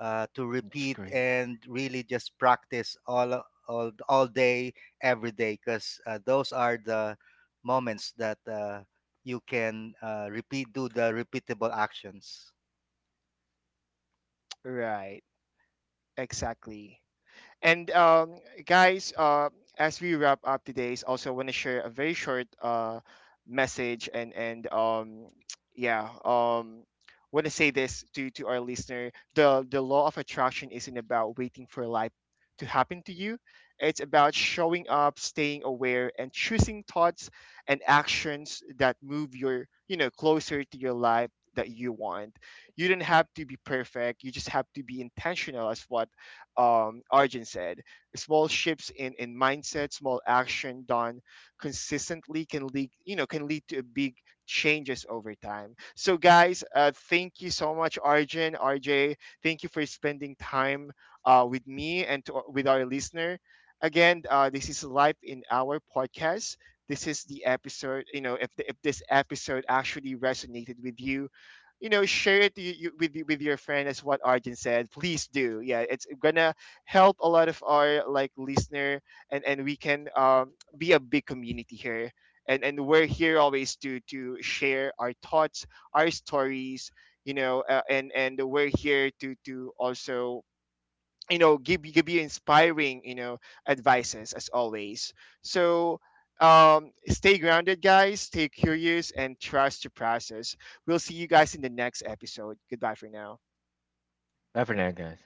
Speaker 3: uh, to repeat and really just practice all all all day, every day, because uh, those are the moments that uh, you can uh, repeat do the repeatable actions.
Speaker 1: Right. Exactly. And um, guys, uh, as we wrap up today's, also want to share a very short uh, message, and and um, <tsk> yeah, um, want to say this to to our listener: the the law of attraction isn't about waiting for life to happen to you. It's about showing up, staying aware, and choosing thoughts and actions that move your, you know, closer to your life that you want. You don't have to be perfect. You just have to be intentional, as what um, Arjun said. Small shifts in, in mindset, small action done consistently can lead, you know, can lead to big changes over time. So, guys, uh, thank you so much, Arjun, R J. Thank you for spending time uh, with me and to, with our listener. Again, uh, this is live in our podcast. This is the episode. You know, if the, if this episode actually resonated with you, you know, share it, you, you, with with your friend, as what Arjun said, please do, yeah. It's gonna help a lot of our like listener, and and we can, um, be a big community here, and and we're here always to to share our thoughts, our stories, you know, uh, and and we're here to to also, you know, give give you inspiring, you know, advices, as always. So um stay grounded, guys, stay curious, and trust your process. We'll see you guys in the next episode. Goodbye for now.
Speaker 2: Bye for now, guys.